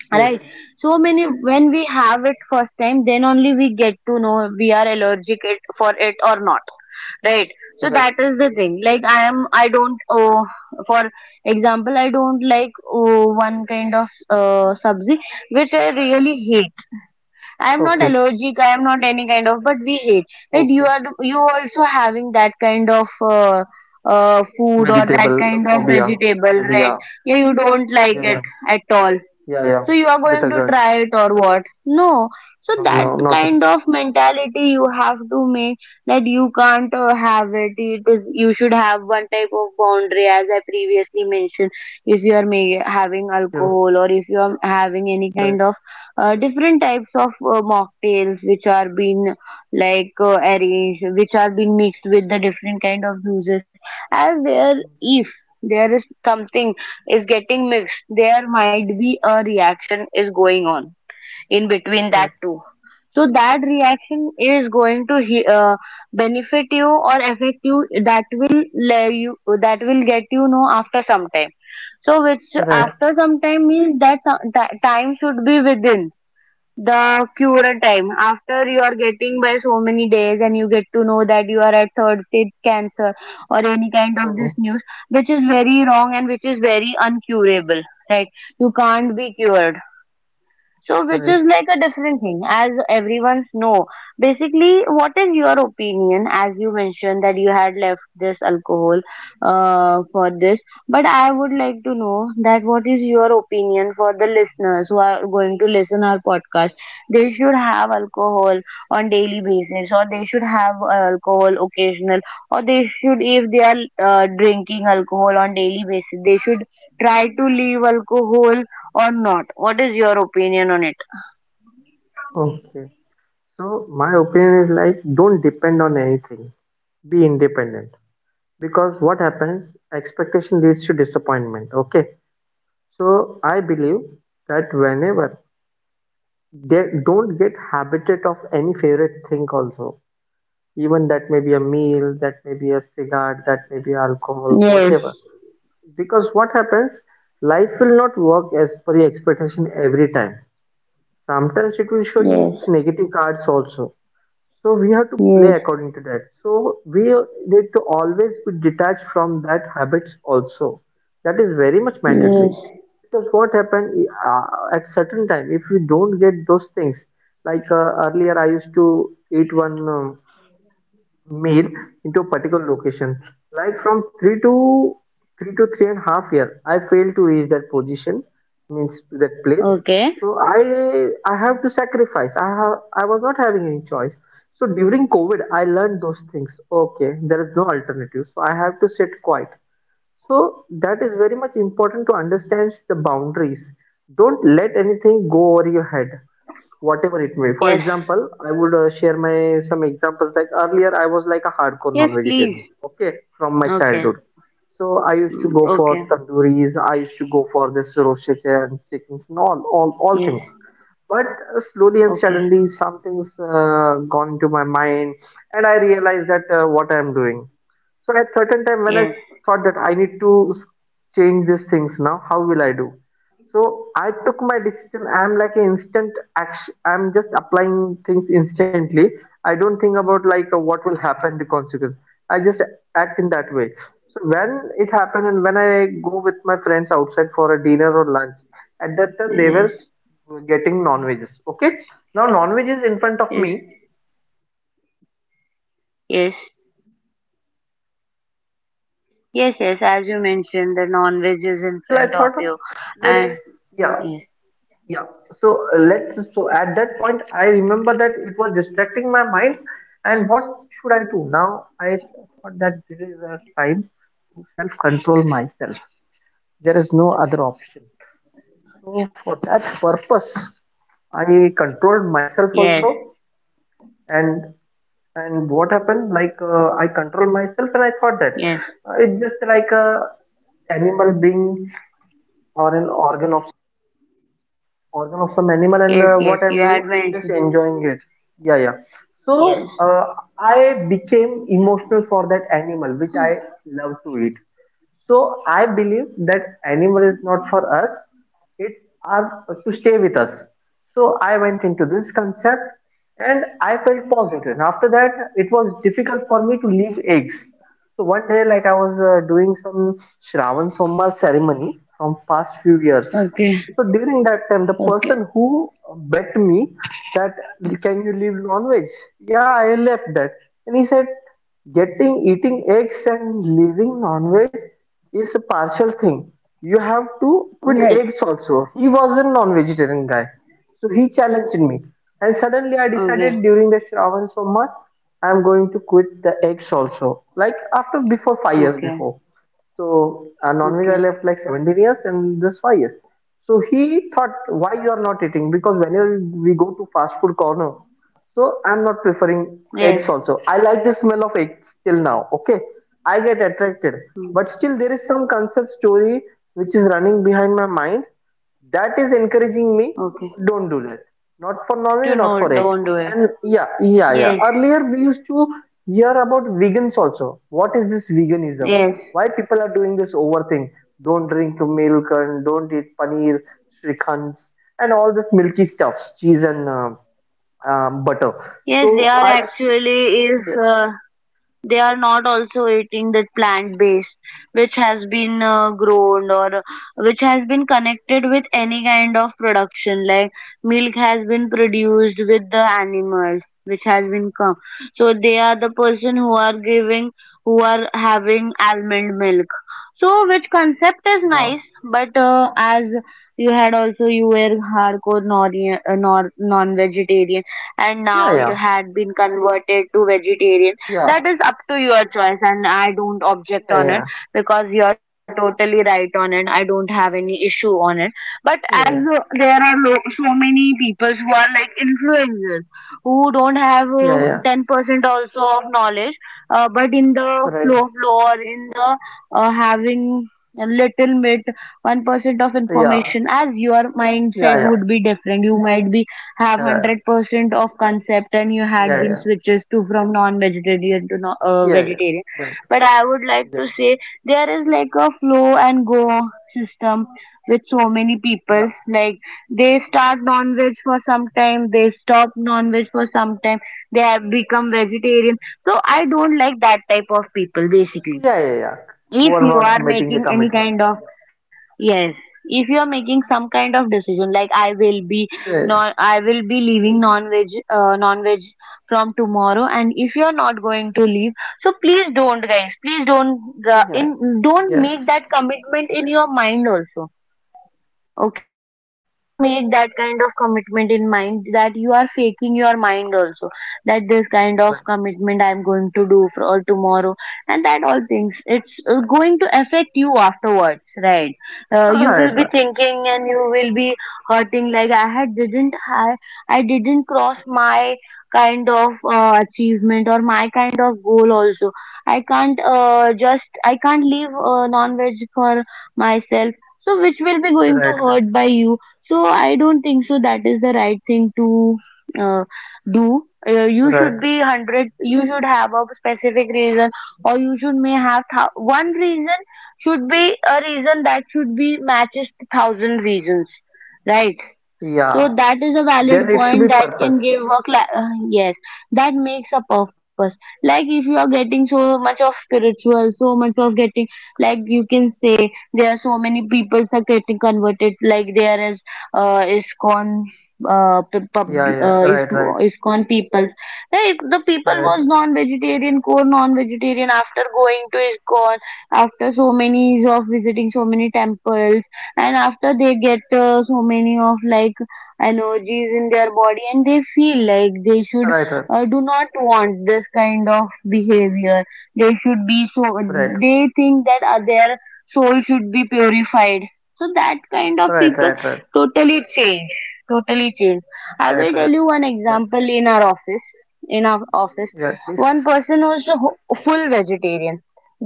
A: right?
B: Yes.
A: So many, when we have it first time, then only we get to know we are allergic it for it or not, right? So that
B: Right.
A: is the thing, like I am I don't for example I don't like one kind of sabzi, which I really hate. I am not
B: Okay.
A: allergic, I am not any kind of, but we hate. Right?
B: Okay.
A: You also having that kind of, food, or that
B: Vegetable
A: kind of
B: phobia. Maybe.
A: vegetable,
B: Yeah.
A: right? Yeah, you don't like
B: Yeah.
A: it
B: Yeah.
A: at all,
B: Yeah.
A: so
B: Yeah.
A: you are going to
B: Bitter gourd.
A: try it, or what? No. So
B: No.
A: that
B: No. Not. At
A: kind
B: all.
A: of mentality you have to make, that you can't have it it is you should have one type of boundary, as I previously mentioned. If you are having
B: Yeah.
A: alcohol, or if you are having any kind
B: Right.
A: of different types of mocktails, which are being like arranged, which are being mixed with the different kind of juices. As there if there is something is getting mixed, there might be a reaction is going on in between that
B: Right.
A: two. So that reaction is going to benefit you or affect you, that will lay you, that will get you know after some time. So which
B: Right.
A: after some time means that that time should be within the cure time, after you are getting by so many days, and you get to know that you are at third stage cancer, or any kind of this
B: Oh,
A: news, which is very wrong, and which is very uncurable, right? You can't
B: right.
A: be cured. So, which is
B: Right.
A: like a different thing, as everyone's know. Basically, what is your opinion? As you mentioned that you had left this alcohol for this, but I would like to know that, what is your opinion for the listeners who are going to listen our podcast? They should have alcohol on daily basis, or they should have alcohol occasional, or they should, if they are drinking alcohol on daily basis, they should try to leave alcohol, or not? What is your opinion on it?
B: Okay. So my opinion is like, don't depend on anything. Be independent. Because what happens, expectation leads to disappointment. Okay. So I believe that whenever they don't get habited of any favorite thing also. Even that may be a meal, that may be a cigarette, that may be alcohol,
A: Yes,
B: whatever. Because what happens, life will not work as per the expectation every time. Sometimes it will show you
A: yes,
B: its negative cards also. So we have to
A: yes,
B: play according to that. So we need to always be detached from that habits also. That is very much mandatory.
A: yes.
B: Because what happened, at certain time, if you don't get those things, like earlier I used to eat one. Meal into a particular location. Like from three to three to three and a half year, I failed to reach that position, means to that place.
A: Okay.
B: So I have to sacrifice. I was not having any choice. So during COVID, I learned those things. Okay, there is no alternative. So I have to sit quiet. So that is very much important to understand the boundaries. Don't let anything go over your head whatever it may. For
A: Yes.
B: example, I would share my some examples. Like earlier, I was like a hardcore
A: Yes, please.
B: non-vegetarian. Okay, from my
A: Okay.
B: childhood. So I used to
A: Mm,
B: go for
A: okay.
B: tandoori's. I used to go for this roasted and chickens and all
A: Yes.
B: things. But slowly and
A: Okay.
B: suddenly, something's gone into my mind, and I realized that what I'm doing. So at certain time, when I
A: Yes.
B: thought that I need to change these things now, how will I do? So I took my decision. I'm like an instant action. I'm just applying things instantly. I don't think about like what will happen, the consequence. I just act in that way. So when it happened and when I go with my friends outside for a dinner or lunch, at that time they
A: Yes.
B: were getting non-veggies. Okay. Now non-veggies in front of
A: Yes.
B: me but in other plates. So what I
A: Yes.
B: decide, so I was thinking, oh, it was it was
A: Yes. Yes.
B: little bit
A: As you
B: distracting my
A: mentioned, the
B: mind,
A: non-veg is
B: but
A: in
B: still I
A: front of
B: thought,
A: you,
B: let's
A: and
B: yeah
A: yes.
B: yeah. So let's so at that point I remember that it was distracting my mind, and what should I do now? I thought that this is a time to self control myself. There is no other option. So for that purpose, I controlled myself
A: Yes.
B: also and what happened like I controlled myself and I thought that
A: Yes.
B: it's just like a animal being or an organ of some animal and
A: Yes. Yes.
B: what
A: You
B: I'm
A: had
B: doing, I'm just
A: mentioned.
B: enjoying it. Yeah, yeah.
A: Yes.
B: So I became emotional for that animal which I love to eat. So I believe that animal is not for us; it's are to stay with us. So I went into this concept and I felt positive. And after that, it was difficult for me to leave eggs. So one day, like I was doing some Shravan Soma ceremony from past few years.
A: Okay.
B: So during that time, the person
A: Okay.
B: who bet me that, can you leave non-veg? Yeah, I left that. And he said, getting eating eggs and leaving non-veg is a partial thing. You have to quit eggs
A: Yes.
B: also. He was a non-vegetarian guy. So he challenged me. And suddenly I decided
A: Okay.
B: during the Shravan Soma, I'm going to quit the eggs also. Like after before 5 years
A: Okay.
B: before. So non-veg
A: Okay.
B: I left like 17 years and this 5 years. So he thought, why you are not eating? Because whenever we go to fast food corner, so I'm not preferring eggs
A: Yes.
B: also. I like the smell of eggs till now. Okay, I get attracted, but still there is some concept story which is running behind my mind that is encouraging me,
A: Okay.
B: don't do that, not for non-veg,
A: Do
B: not for
A: no.
B: egg.
A: Don't do
B: And
A: it.
B: yeah yeah yeah,
A: Yes,
B: earlier we used to hear about vegans also. What is this veganism,
A: yes,
B: why people are doing this over thing? Don't drink milk and don't eat paneer, shrikhans and all this milky stuffs, cheese and butter.
A: yes.
B: So
A: They
B: I
A: are
B: used to,
A: actually if.
B: yeah
A: They are not also eating that plant based, which has been grown, or which has been connected with any kind of production. Like milk has been produced with the animals, which has been come. So they are the person who are giving, who are having almond milk. So which concept
B: yeah
A: is nice, but as you had also you were hardcore non vegetarian, and now you
B: yeah
A: had been converted to vegetarian. That
B: yeah
A: is up to your choice, and I don't object
B: yeah
A: on
B: yeah
A: it,
B: yeah
A: because you are totally right on it, I don't have any issue on it. But as
B: yeah
A: there are so many people who are like influencers, who don't have
B: yeah yeah
A: 10% also of knowledge, but in the
B: yeah, right.
A: flow, or in the having a little bit 1% of
B: Yeah yeah
A: information, as your
B: yeah
A: mindset
B: yeah
A: would be different, you might be have
B: yeah
A: 100% of concept, and you
B: yeah
A: had
B: yeah,
A: been
B: yeah.
A: switches to from non-vegetarian to no,
B: Yeah.
A: vegetarian.
B: Right.
A: But I would like
B: Yeah,
A: to say, there is like a flow and go system with so many people,
B: yeah,
A: like they start non-veg for some time, they stop non-veg for some time, they have become vegetarian. So I don't like that type of people basically.
B: yeah, yeah, yeah.
A: If
B: Who are
A: you are
B: not meeting
A: making
B: the
A: any kind
B: commitments.
A: of
B: Yeah,
A: Yes. If you are making some kind of decision, like
B: yeah,
A: I will be leaving non veg from tomorrow, and if you are not going to leave, so please don't, guys, please don't,
B: yeah,
A: in don't make
B: yeah.
A: that commitment in your mind also.
B: Right,
A: Okay,
B: right, right,
A: please don't make that kind of commitment in mind, that you are faking your mind also, that this kind of
B: right,
A: commitment I'm going to do for all tomorrow, and that all things, it's going to affect you afterwards, right? You will be
B: right, right,
A: thinking, and you will be hurting, like I didn't cross my kind of achievement, or my kind of goal also. I can't leave non-veg for myself, so which will be going to
B: right,
A: hurt
B: right.
A: by you. So I don't think so that is the right thing to uh, do. You should
B: Right. Right.
A: be 100, you should have a specific reason, or you should may have one reason should be a reason that should be matches to thousand reasons, right? So
B: Yeah,
A: that is a valid
B: there needs to
A: point
B: be
A: that can
B: purpose.
A: give yes, that makes a purpose, like if you are getting so much of spiritual, so much of getting, like you can say, there are so many people are getting converted, like there is iskon, uh, p- pub,
B: Yeah, yeah,
A: uh Is-
B: right, right,
A: iskon peoples, like the people
B: right,
A: was
B: right,
A: non-vegetarian core non-vegetarian after going to iskon, after so many years of visiting so many temples, and after they get so many of like energies in their body, and they feel like they
B: right,
A: should
B: right,
A: do not want this kind of behavior, they should be so,
B: right,
A: they think that their soul should be purified, so that kind of
B: right, right,
A: people
B: right, right.
A: totally change, totally change. I
B: Right.
A: will tell
B: Right.
A: you one example, in our office, in our office
B: Yeah, please.
A: one person was a full vegetarian,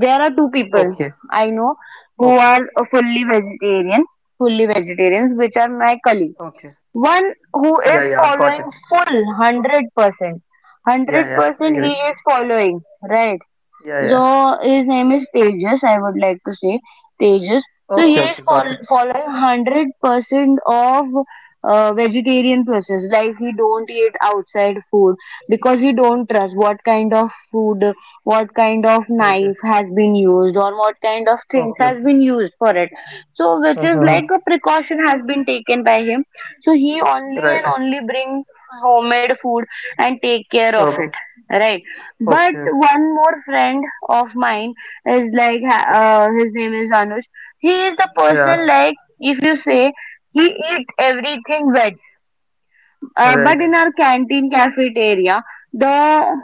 A: there are two people
B: Okay,
A: I know who
B: okay,
A: are fully vegetarians, which are my colleagues,
B: okay.
A: one who is
B: Yeah, yeah,
A: following
B: got it.
A: full 100%.
B: Yeah, yeah, I agree.
A: 100% he is following, right?
B: Yeah, yeah.
A: So his name is Tejas, I would like to say Tejas. So
B: Okay,
A: he
B: okay,
A: is
B: got it.
A: following 100% of vegetarian process. Like he don't eat outside food because he don't trust what kind of food, what kind of
B: Okay,
A: knife has been used or what kind of things
B: okay, okay.
A: has been used for it. So which is
B: Uh-huh.
A: like a precaution has been taken by him. So he only
B: Right.
A: and only bring homemade food and take care of
B: Okay,
A: it, right? But
B: okay, okay,
A: one more friend of mine is like,
B: okay.
A: his name is Anush. He is the person,
B: Yeah.
A: like, if you say he eat everything veg but
B: Right.
A: in our canteen cafeteria, the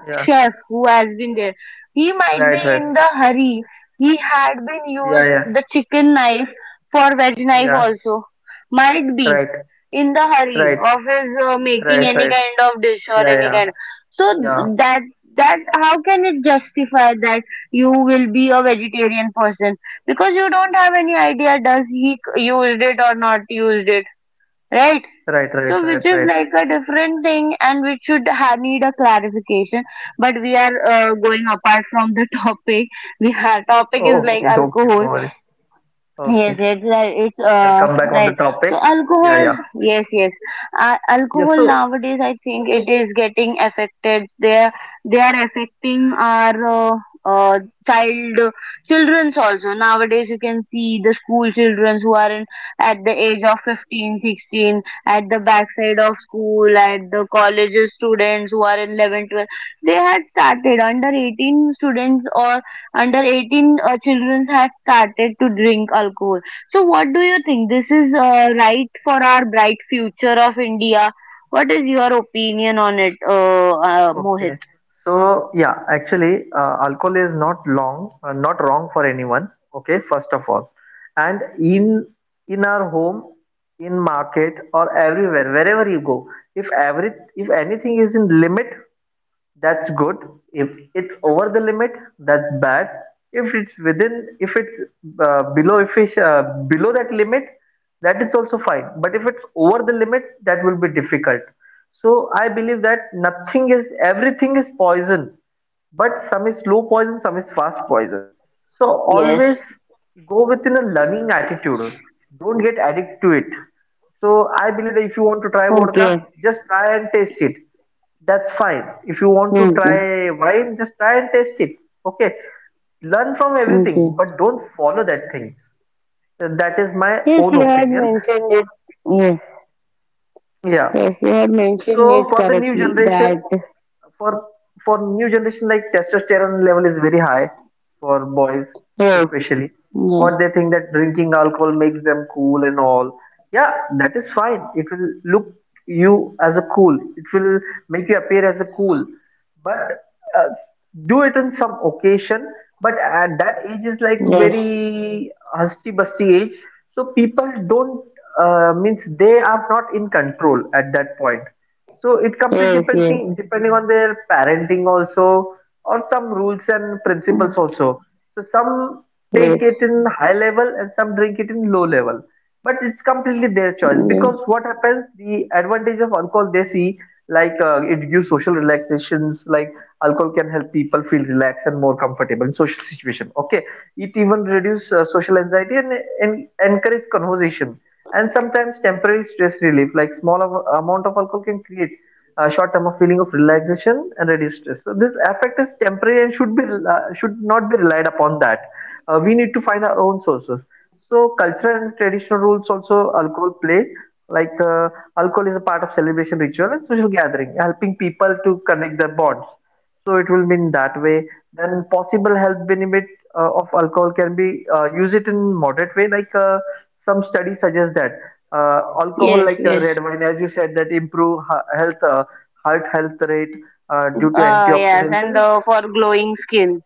B: Yeah.
A: chef who has been there, he might be
B: Right. Right.
A: in the hurry. He had been
B: Yeah.
A: used
B: Yeah.
A: the chicken knife for veg knife
B: Yeah.
A: also. Might be
B: Right.
A: in the hurry
B: Right.
A: of his making
B: Right.
A: any
B: Right.
A: kind of dish or
B: Yeah.
A: any
B: Yeah.
A: kind. So
B: Yeah.
A: that that how can it justify that you will be a vegetarian person because you don't have any idea does he used it or not used it, right?
B: Right. Right. Right.
A: So,
B: Right.
A: which is like a different thing, and which should need a clarification. But we are going apart from the topic. We Our topic is
B: Oh,
A: like
B: okay. Okay. No
A: alcohol.
B: worries. Okay.
A: Yes, it's right. It's
B: I'll come back on the
A: right.
B: topic.
A: So
B: Yeah.
A: alcohol,
B: Yeah.
A: yes, yes.
B: Yeah.
A: Alcohol
B: So.
A: nowadays, I think it is getting affected. They are affecting our uh child childrens also. Nowadays, you can see the school children who are in at the age of 15, 16 at the backside of school, at the colleges students who are in 11, 12. They had started under 18 students or under 18 children have started to drink alcohol. So what do you think? This is right for our bright future of India. What is your opinion on it, Mohit?
B: Okay. So yeah. Actually, alcohol is not long, not wrong for anyone. Okay. First of all, and in our home, in market or everywhere, wherever you go, if every if anything is in limit, that's good. If it's over the limit, that's bad. If it's below, if it's below that limit, that is also fine. But if it's over the limit, that will be difficult. So I believe that nothing is, everything is poison, but some is slow poison, some is fast poison. So
A: Yes.
B: always go within a learning attitude. Don't get addicted to it. So I believe that if you want to try
A: Okay.
B: vodka, just try and taste it, that's fine. If you want to
A: Okay.
B: try wine, just try and taste it. Okay. Learn from
A: Okay.
B: everything, but don't follow that things. That is my
A: Yes,
B: own
A: you had
B: opinion.
A: mentioned it. Yes.
B: Yeah.
A: Yes, you had mentioned
B: So
A: it
B: for the new
A: correctly. That
B: generation, for for new generation like testosterone level is very high for boys
A: yes,
B: especially. So
A: yes,
B: what they think that drinking alcohol makes them cool and all, yeah, that is fine. It will look you as a cool, it will make you appear as a cool. But uh, do it on some occasion. But at that age is like
A: yes,
B: very husty busty age. So people don't, means they are not in control at that point. So it completely
A: yes,
B: depends,
A: yes,
B: depending on their parenting also, or some rules and principles also. So some take
A: yes,
B: it in high level and some drink it in low level. But it's completely their choice. Because
A: yes,
B: what happens, the advantage of alcohol they see, like it gives social relaxations, like alcohol can help people feel relaxed and more comfortable in social situation. Okay, it even reduce social anxiety and, encourage conversation and sometimes temporary stress relief, like small amount of alcohol can create a short term of feeling of relaxation and reduce stress. So this effect is temporary and should not be relied upon, that we need to find our own sources. So cultural and traditional rules also alcohol play, like alcohol is a part of celebration ritual and social gathering, helping people to connect their bonds. So it will mean that way. Then possible health benefit of alcohol can be use it in moderate way, like some studies suggest that alcohol,
A: yes,
B: like
A: yes.
B: red wine as you said that improve health, heart health rate, due to
A: Yes,
B: antioxidants
A: and
B: and
A: for glowing skin.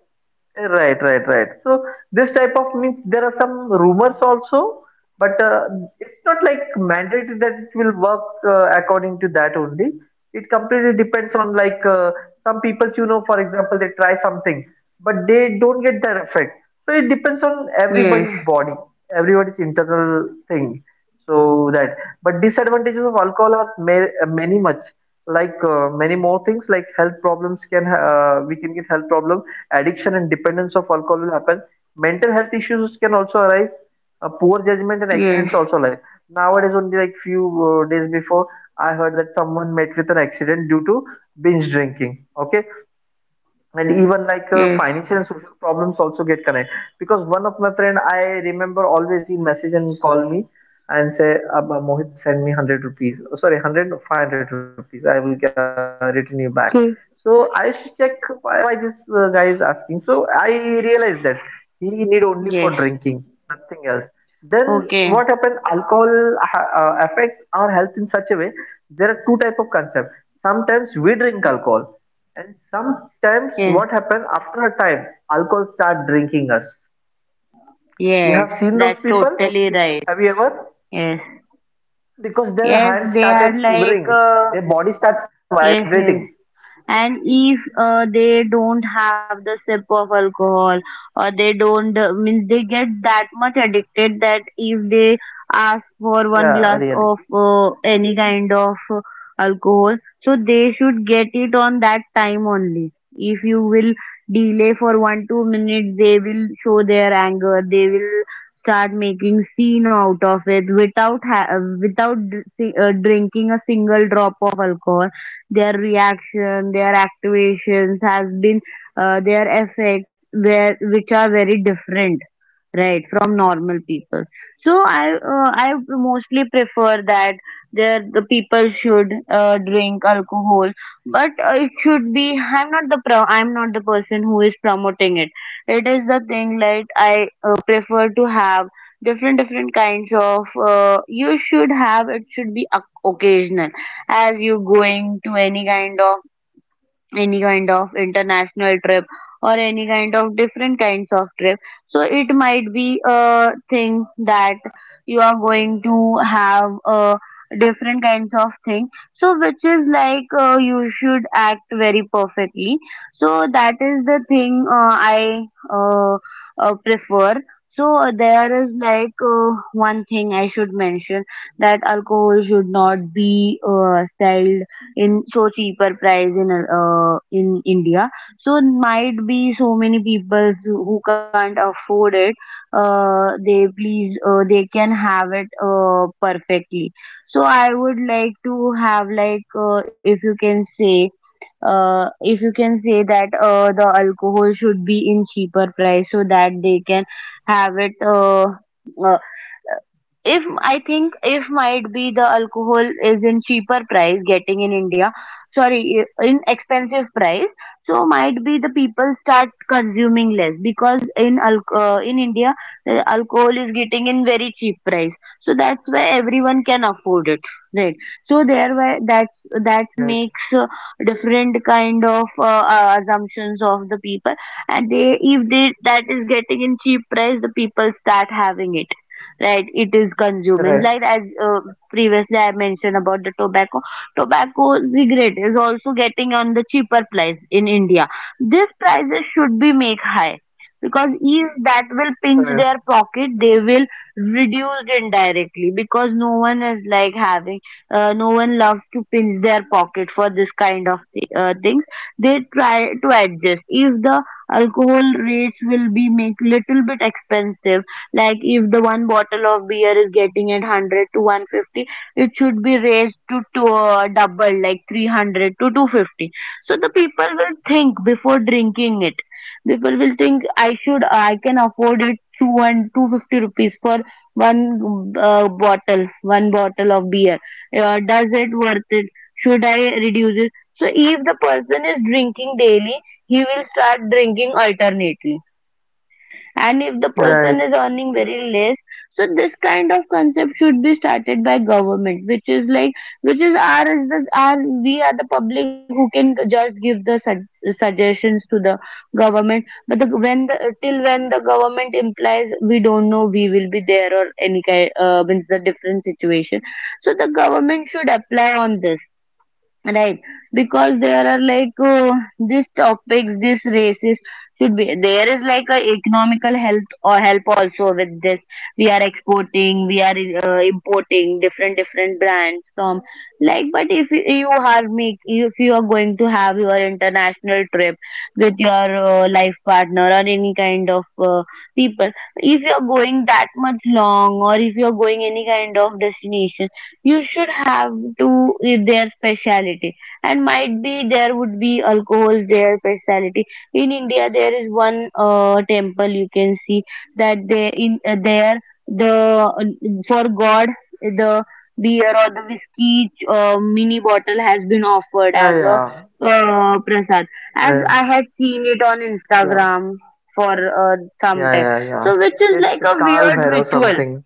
B: right, right, right. So this type of means there are some rumors also, but it's not like mandatory that it will work according to that only. It completely depends on like some people you know, for example, they try something, but they don't get that effect. So it depends on
A: Yes.
B: everybody's body, everybody's internal thing. So that, but disadvantages of alcohol are many much, like many more things, like health problems can we can get health problems, addiction and dependence of alcohol will happen, mental health issues can also arise, poor judgment and accidents
A: Yes,
B: also, like nowadays only like few days before I heard that someone met with an accident due to binge drinking, okay. And even like
A: yes,
B: financial and social problems also get connected, because one of my friend I remember always he message and call me and say, Abba, Mohit send me 100 rupees. Oh, sorry, 100 or 500 rupees, I will return you back. So I
A: Okay.
B: used to check, why this guy is asking. So I realized that he need only for
A: Yes.
B: drinking, nothing else. Then
A: Okay.
B: what happened, alcohol affects our health in such a way. There are two type of concept. Sometimes we drink alcohol, and sometimes
A: Yes,
B: what happens after a time, alcohol start drinking us. You
A: yes.
B: have seen those
A: That's
B: people?
A: totally right.
B: Have you ever?
A: Yes,
B: Because their
A: yes.
B: hands
A: They are
B: started
A: like.
B: shivering, their body starts
A: Yes,
B: vibrating.
A: yes. And if they don't have the sip of alcohol or they don't means they get that much addicted that if they ask for one glass of any kind of alcohol, so they should get it on that time only. If you will delay for 1 2 minutes, they will show their anger. They will start making scene out of it without without drinking a single drop of alcohol. Their reaction, their activations has been their effects where which are very different right from normal people. So I mostly prefer that there the people should drink alcohol, but it should be. I'm not the person who is promoting it. It is the thing, like, I prefer to have different different kinds of you should have. It should be occasional as you going to any kind of international trip or any kind of different kinds of trip. So it might be a thing that you are going to have different kinds of thing. So which is like you should act very perfectly. So that is the thing I uh, prefer. So there is like one thing I should mention that alcohol should not be styled in so cheaper price in India. So might be so many people who can't afford it. They, please, they can have it perfectly. So I would like to have, like, if you can say if you can say that the alcohol should be in cheaper price so that they can have it uh, if
B: Yes.
A: I think if might be the alcohol is in cheaper price getting in India. Sorry, in expensive
B: Mm-hmm.
A: price, so might be the people start consuming less because in India alcohol is getting in very cheap price, so that's why everyone can afford it, right? So there why that's that
B: Right.
A: makes different kind of assumptions of the people. And they, if they, that is getting in cheap price, the people start having it, right? It is consuming like
B: Right.
A: as previously I mentioned about the tobacco. tobacco cigarette is also getting on the cheaper price in India. These prices should be make high because is that will pinch their pocket. They will reduce indirectly because no one is like having no one loves to pinch their pocket for this kind of things. They try to adjust. If the alcohol rates will be make little bit expensive, like if the one bottle of beer is getting at 100 to 150, it should be raised to double, like 300 to 250. So the people will think before drinking it. People will think I should, I can afford it two and 250 rupees for one bottle of beer. Does it worth it? Should I reduce it? So if the person is drinking daily, he will start drinking alternately. And if the person is
B: Right. Right.
A: earning very less, so this kind of concept should be started by government, which is like, which is our is the our we are the public who can just give the suggestions to the government. But the when the till when the government implies, we don't know we will be there or any kind means the different situation. So the government should apply on this. Right, because there are like these topics, these races should be there is like a economical health or help also with this. We are exporting, we are importing different different brands from. Like, but if you are make if you are going to have your international trip with your life partner or any kind of people, if you are going that much long or if you are going any kind of destination, you should have to eat their speciality, and might be there would be alcohols their speciality. In India, there is one temple you can see that they in there, the uh, for god, the beer or the whiskey mini bottle has been offered as a
B: Yeah.
A: prasad, as
B: Yeah.
A: I had seen it on
B: Yeah. Yeah.
A: Instagram for uh, some time.
B: Yeah. Yeah.
A: So
B: Yeah.
A: which is like
B: It's
A: a
B: Kal
A: weird
B: Bhairav
A: ritual.
B: something.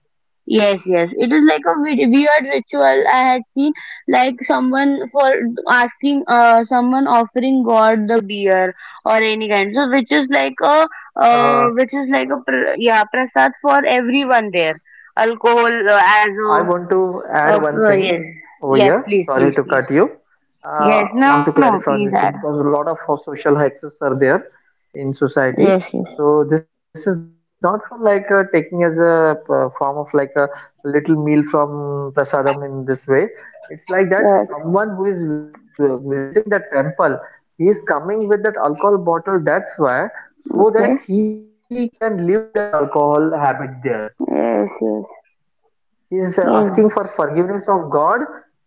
A: Yes, yes. It is like a weird ritual I had seen, like someone for asking, someone offering God the beer or any kind. So which is like a,
B: Uh,
A: prasad for everyone there. Alcohol as a,
B: I want to add one thing
A: yes,
B: over
A: yes.
B: here.
A: Please,
B: Sorry
A: please,
B: to
A: please.
B: cut you.
A: Yes,
B: Uh,
A: no,
B: want to
A: no. Please
B: clarify on
A: add.
B: this thing because a lot of social hexes are there in society.
A: Yes, yes,
B: So this is not for like taking as a form of like a little meal from prasadam in this way. It's like that
A: yes.
B: someone who is visiting the temple, he is coming with that alcohol bottle. That's why,
A: Okay.
B: so that he can leave that alcohol habit there,
A: Yes, yes,
B: he is
A: yes,
B: asking for forgiveness of God,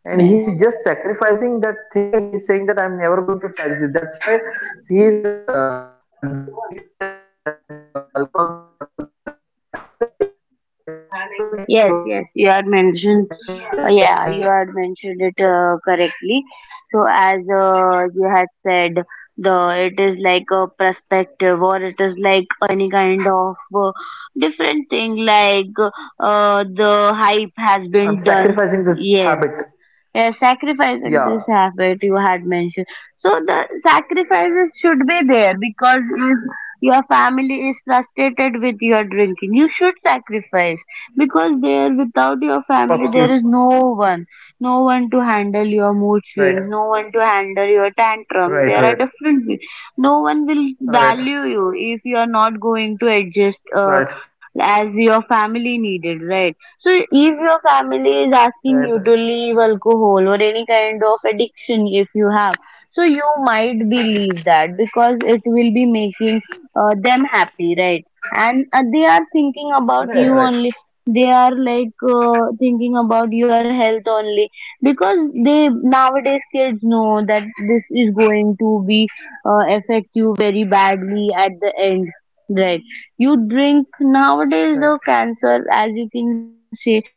B: and he
A: yes.
B: is just sacrificing that thing and he is saying that I'm never going to touch this. That's why he is dedicating that alcohol bottle there. That is the main concept. But people are taking it
A: Yes,
B: wrong way
A: yes,
B: that, that God need this and
A: you
B: for that
A: had
B: purpose
A: mentioned
B: this
A: it
B: happened. Actually, this is
A: correctly.
B: it.
A: So as you had said, the it is like a perspective or it is like any kind of different thing, like the hype has been done.
B: I'm
A: Yes,
B: sacrificing this
A: yeah,
B: habit.
A: sacrificing this habit you
B: Yeah,
A: had mentioned. So the sacrifices should be there because if your family is frustrated with your drinking, you should sacrifice because there without your family there is no one,
B: absolute.
A: no one to handle your mood swings, no one to handle your
B: Right,
A: tantrums. There are different people.
B: right,
A: No
B: right,
A: one will value you if you are not
B: right,
A: going to adjust as your
B: right, right,
A: family needed, right? So if your family is asking you to leave alcohol or
B: right, right,
A: any kind of addiction if you have, so you might believe that, because it will be making them happy, right? And they are thinking about you only. They are like
B: right,
A: thinking about your health only, because they nowadays kids know that this is going to be affect you very badly at the end, right? You drink nowadays the cancer, as you
B: right, right,
A: can say,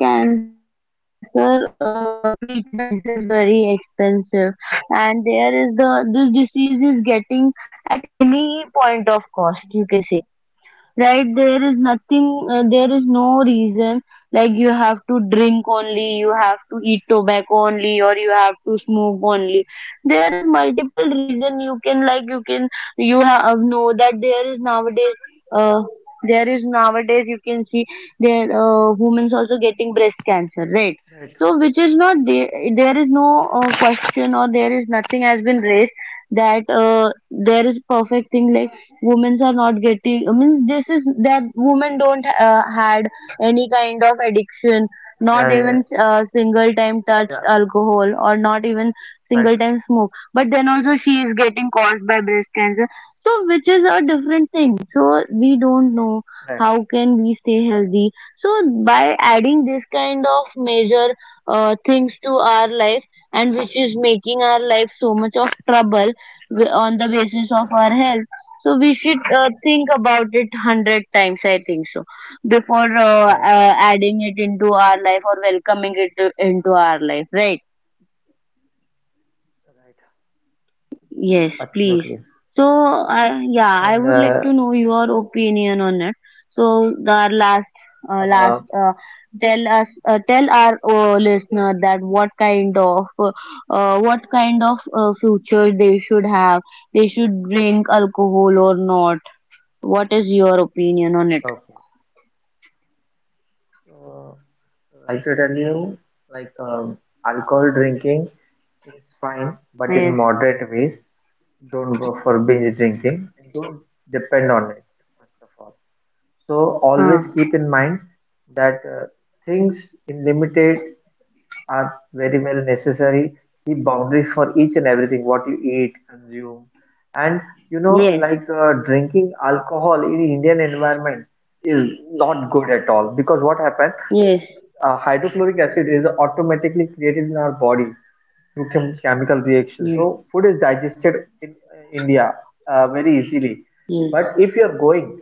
A: the cancer treatments is very expensive, and there is the this disease is getting at any point of cost you can say. Right, there is nothing there is no reason like you have to drink only, you have to eat tobacco only, or you have to smoke only. There is multiple reason you can, you have know that there is nowadays, uh, you can see there women's also getting breast cancer, right?
B: right.
A: So which is not There is no question, or there is nothing has been raised that there is perfect thing like women are not getting, I mean, this is that women don't had any kind of addiction,
B: Yeah,
A: not
B: yeah,
A: even single time
B: yeah,
A: touched alcohol or not even
B: right.
A: single time smoke, but then also she is getting caused by breast cancer. So which is a different thing, so we don't know how
B: Right,
A: can we stay healthy. So by adding this kind of major things to our life, and which is making our life so much of trouble on the basis of our health. So we should think about it 100 times, I think so, before
B: right,
A: adding it into our life or welcoming it into our life, right?
B: right.
A: Yes, please.
B: Absolutely.
A: So
B: And
A: I would like to know your opinion on it. So the last
B: uh,
A: last tell us, tell our listener that what kind of future they should have. They should drink alcohol or not? What is your opinion on it?
B: okay. So, like to tell you, like um, alcohol drinking is fine, but in
A: Yes.
B: moderate ways. Don't go for binge drinking and don't depend on it, first of all. So, always
A: Huh.
B: keep in mind that things in limited are very well necessary. Keep boundaries for each and everything what you eat, consume, and you know,
A: Yes.
B: like drinking alcohol in Indian environment is not good at all because what happens,
A: Yes.
B: hydrochloric acid is automatically created in our body through chemical reaction.
A: Yes.
B: So food is digested in India very easily. But
A: Yes.
B: if you are going,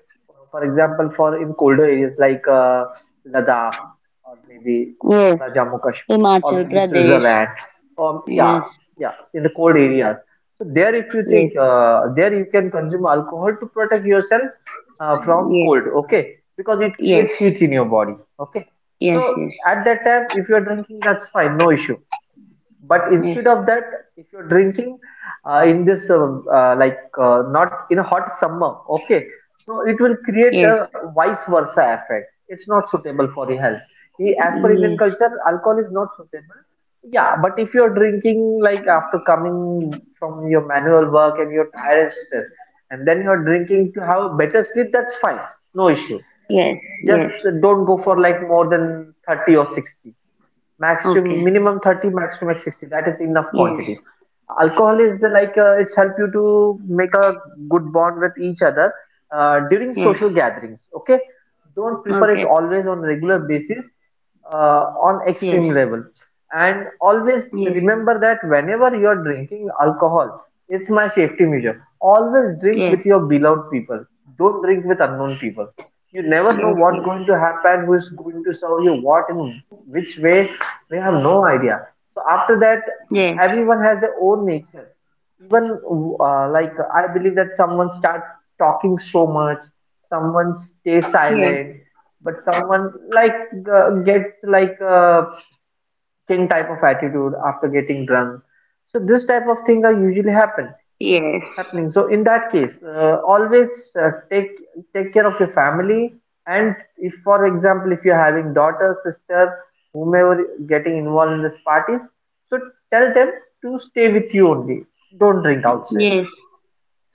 B: for example, for in colder areas like Ladakh or maybe
A: Yes.
B: Shimla, Jammu Kashmir
A: Himachal
B: or maybe
A: Pradesh.
B: Switzerland, um, yeah,
A: Yes.
B: yeah, in the cold areas. So there, if you
A: Yes.
B: think there, you can consume alcohol to protect yourself from
A: Yes.
B: cold. Okay, because it
A: Yes.
B: creates heat in your body. Okay.
A: Yes.
B: So at that time, if you are drinking, that's fine, no issue, but
A: Yes.
B: instead of that, if you're drinking in this not in a hot summer, okay, so it will create
A: Yes.
B: a
A: Yes.
B: vice versa effect. It's not suitable for the health. As per Indian
A: Yes.
B: culture, alcohol is not suitable. Yeah, but if you're drinking like after coming from your manual work and you're tired and stressed, and then you're drinking to have a better sleep, that's fine, no issue.
A: Yes. Yes.
B: Just don't go for like more than 30 or 60,
A: Okay.
B: maximum, minimum 30, maximum at 60, that is enough quantity.
A: Yes.
B: Alcohol is the, it's help you to make a good bond with each other during
A: Yes.
B: social gatherings, okay, don't prefer it
A: Okay.
B: always on regular basis, on extreme
A: Yes.
B: level, and always
A: Yes.
B: remember that whenever you are drinking alcohol, it's my safety measure, always drink
A: Yes.
B: with
A: Yes.
B: your beloved people, don't drink with unknown people, you never know what's going to happen, who is going to serve you what in which way, we have no idea. So after that,
A: Yes.
B: everyone has their own nature. Even, uh, like I believe that someone starts talking so much, someone
A: Yes.
B: stays
A: Yes.
B: silent, but someone like gets like a king type of attitude after getting drunk. So this type of thing are usually
A: Yes.
B: happening, so in that case always uh, take take care of your family, and if for example if you're having daughter, sister, whomever getting involved in this parties, so tell them to stay with you only, don't drink outside,
A: Yes.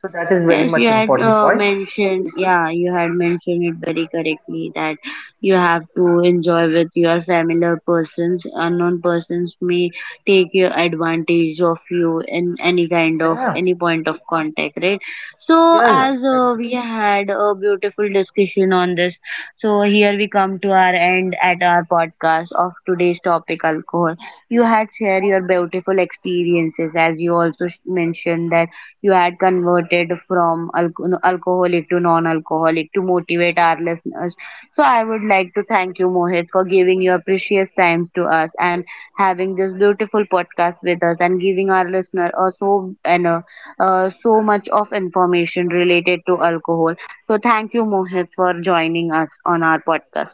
B: so that is very
A: Yes,
B: much important point.
A: you had mentioned it very correctly, that you have to enjoy with your familiar persons. Unknown persons may take your advantage of you in any kind of
B: Yeah,
A: any point of contact, right? So,
B: yeah, yeah.
A: as
B: Thank you.
A: we had a beautiful discussion on this, so here we come to our end at our podcast of today's topic, alcohol. You had shared your beautiful experiences, as you also mentioned that you had converted from alco- no, alcoholic to non-alcoholic to motivate our listeners. So I would like to thank you, Mohit, for giving your precious time to us and having this beautiful podcast with us and giving our listener so and so much of information related to alcohol. So thank you, Mohit, for joining us on our podcast.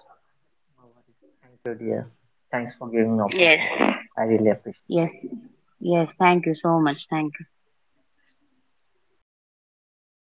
B: No worries. Thank you, dear. Thanks for giving me
A: Yes.
B: opportunity. I really appreciate
A: Yes, yes, thank you so much. Thank you.
B: it. Thank you.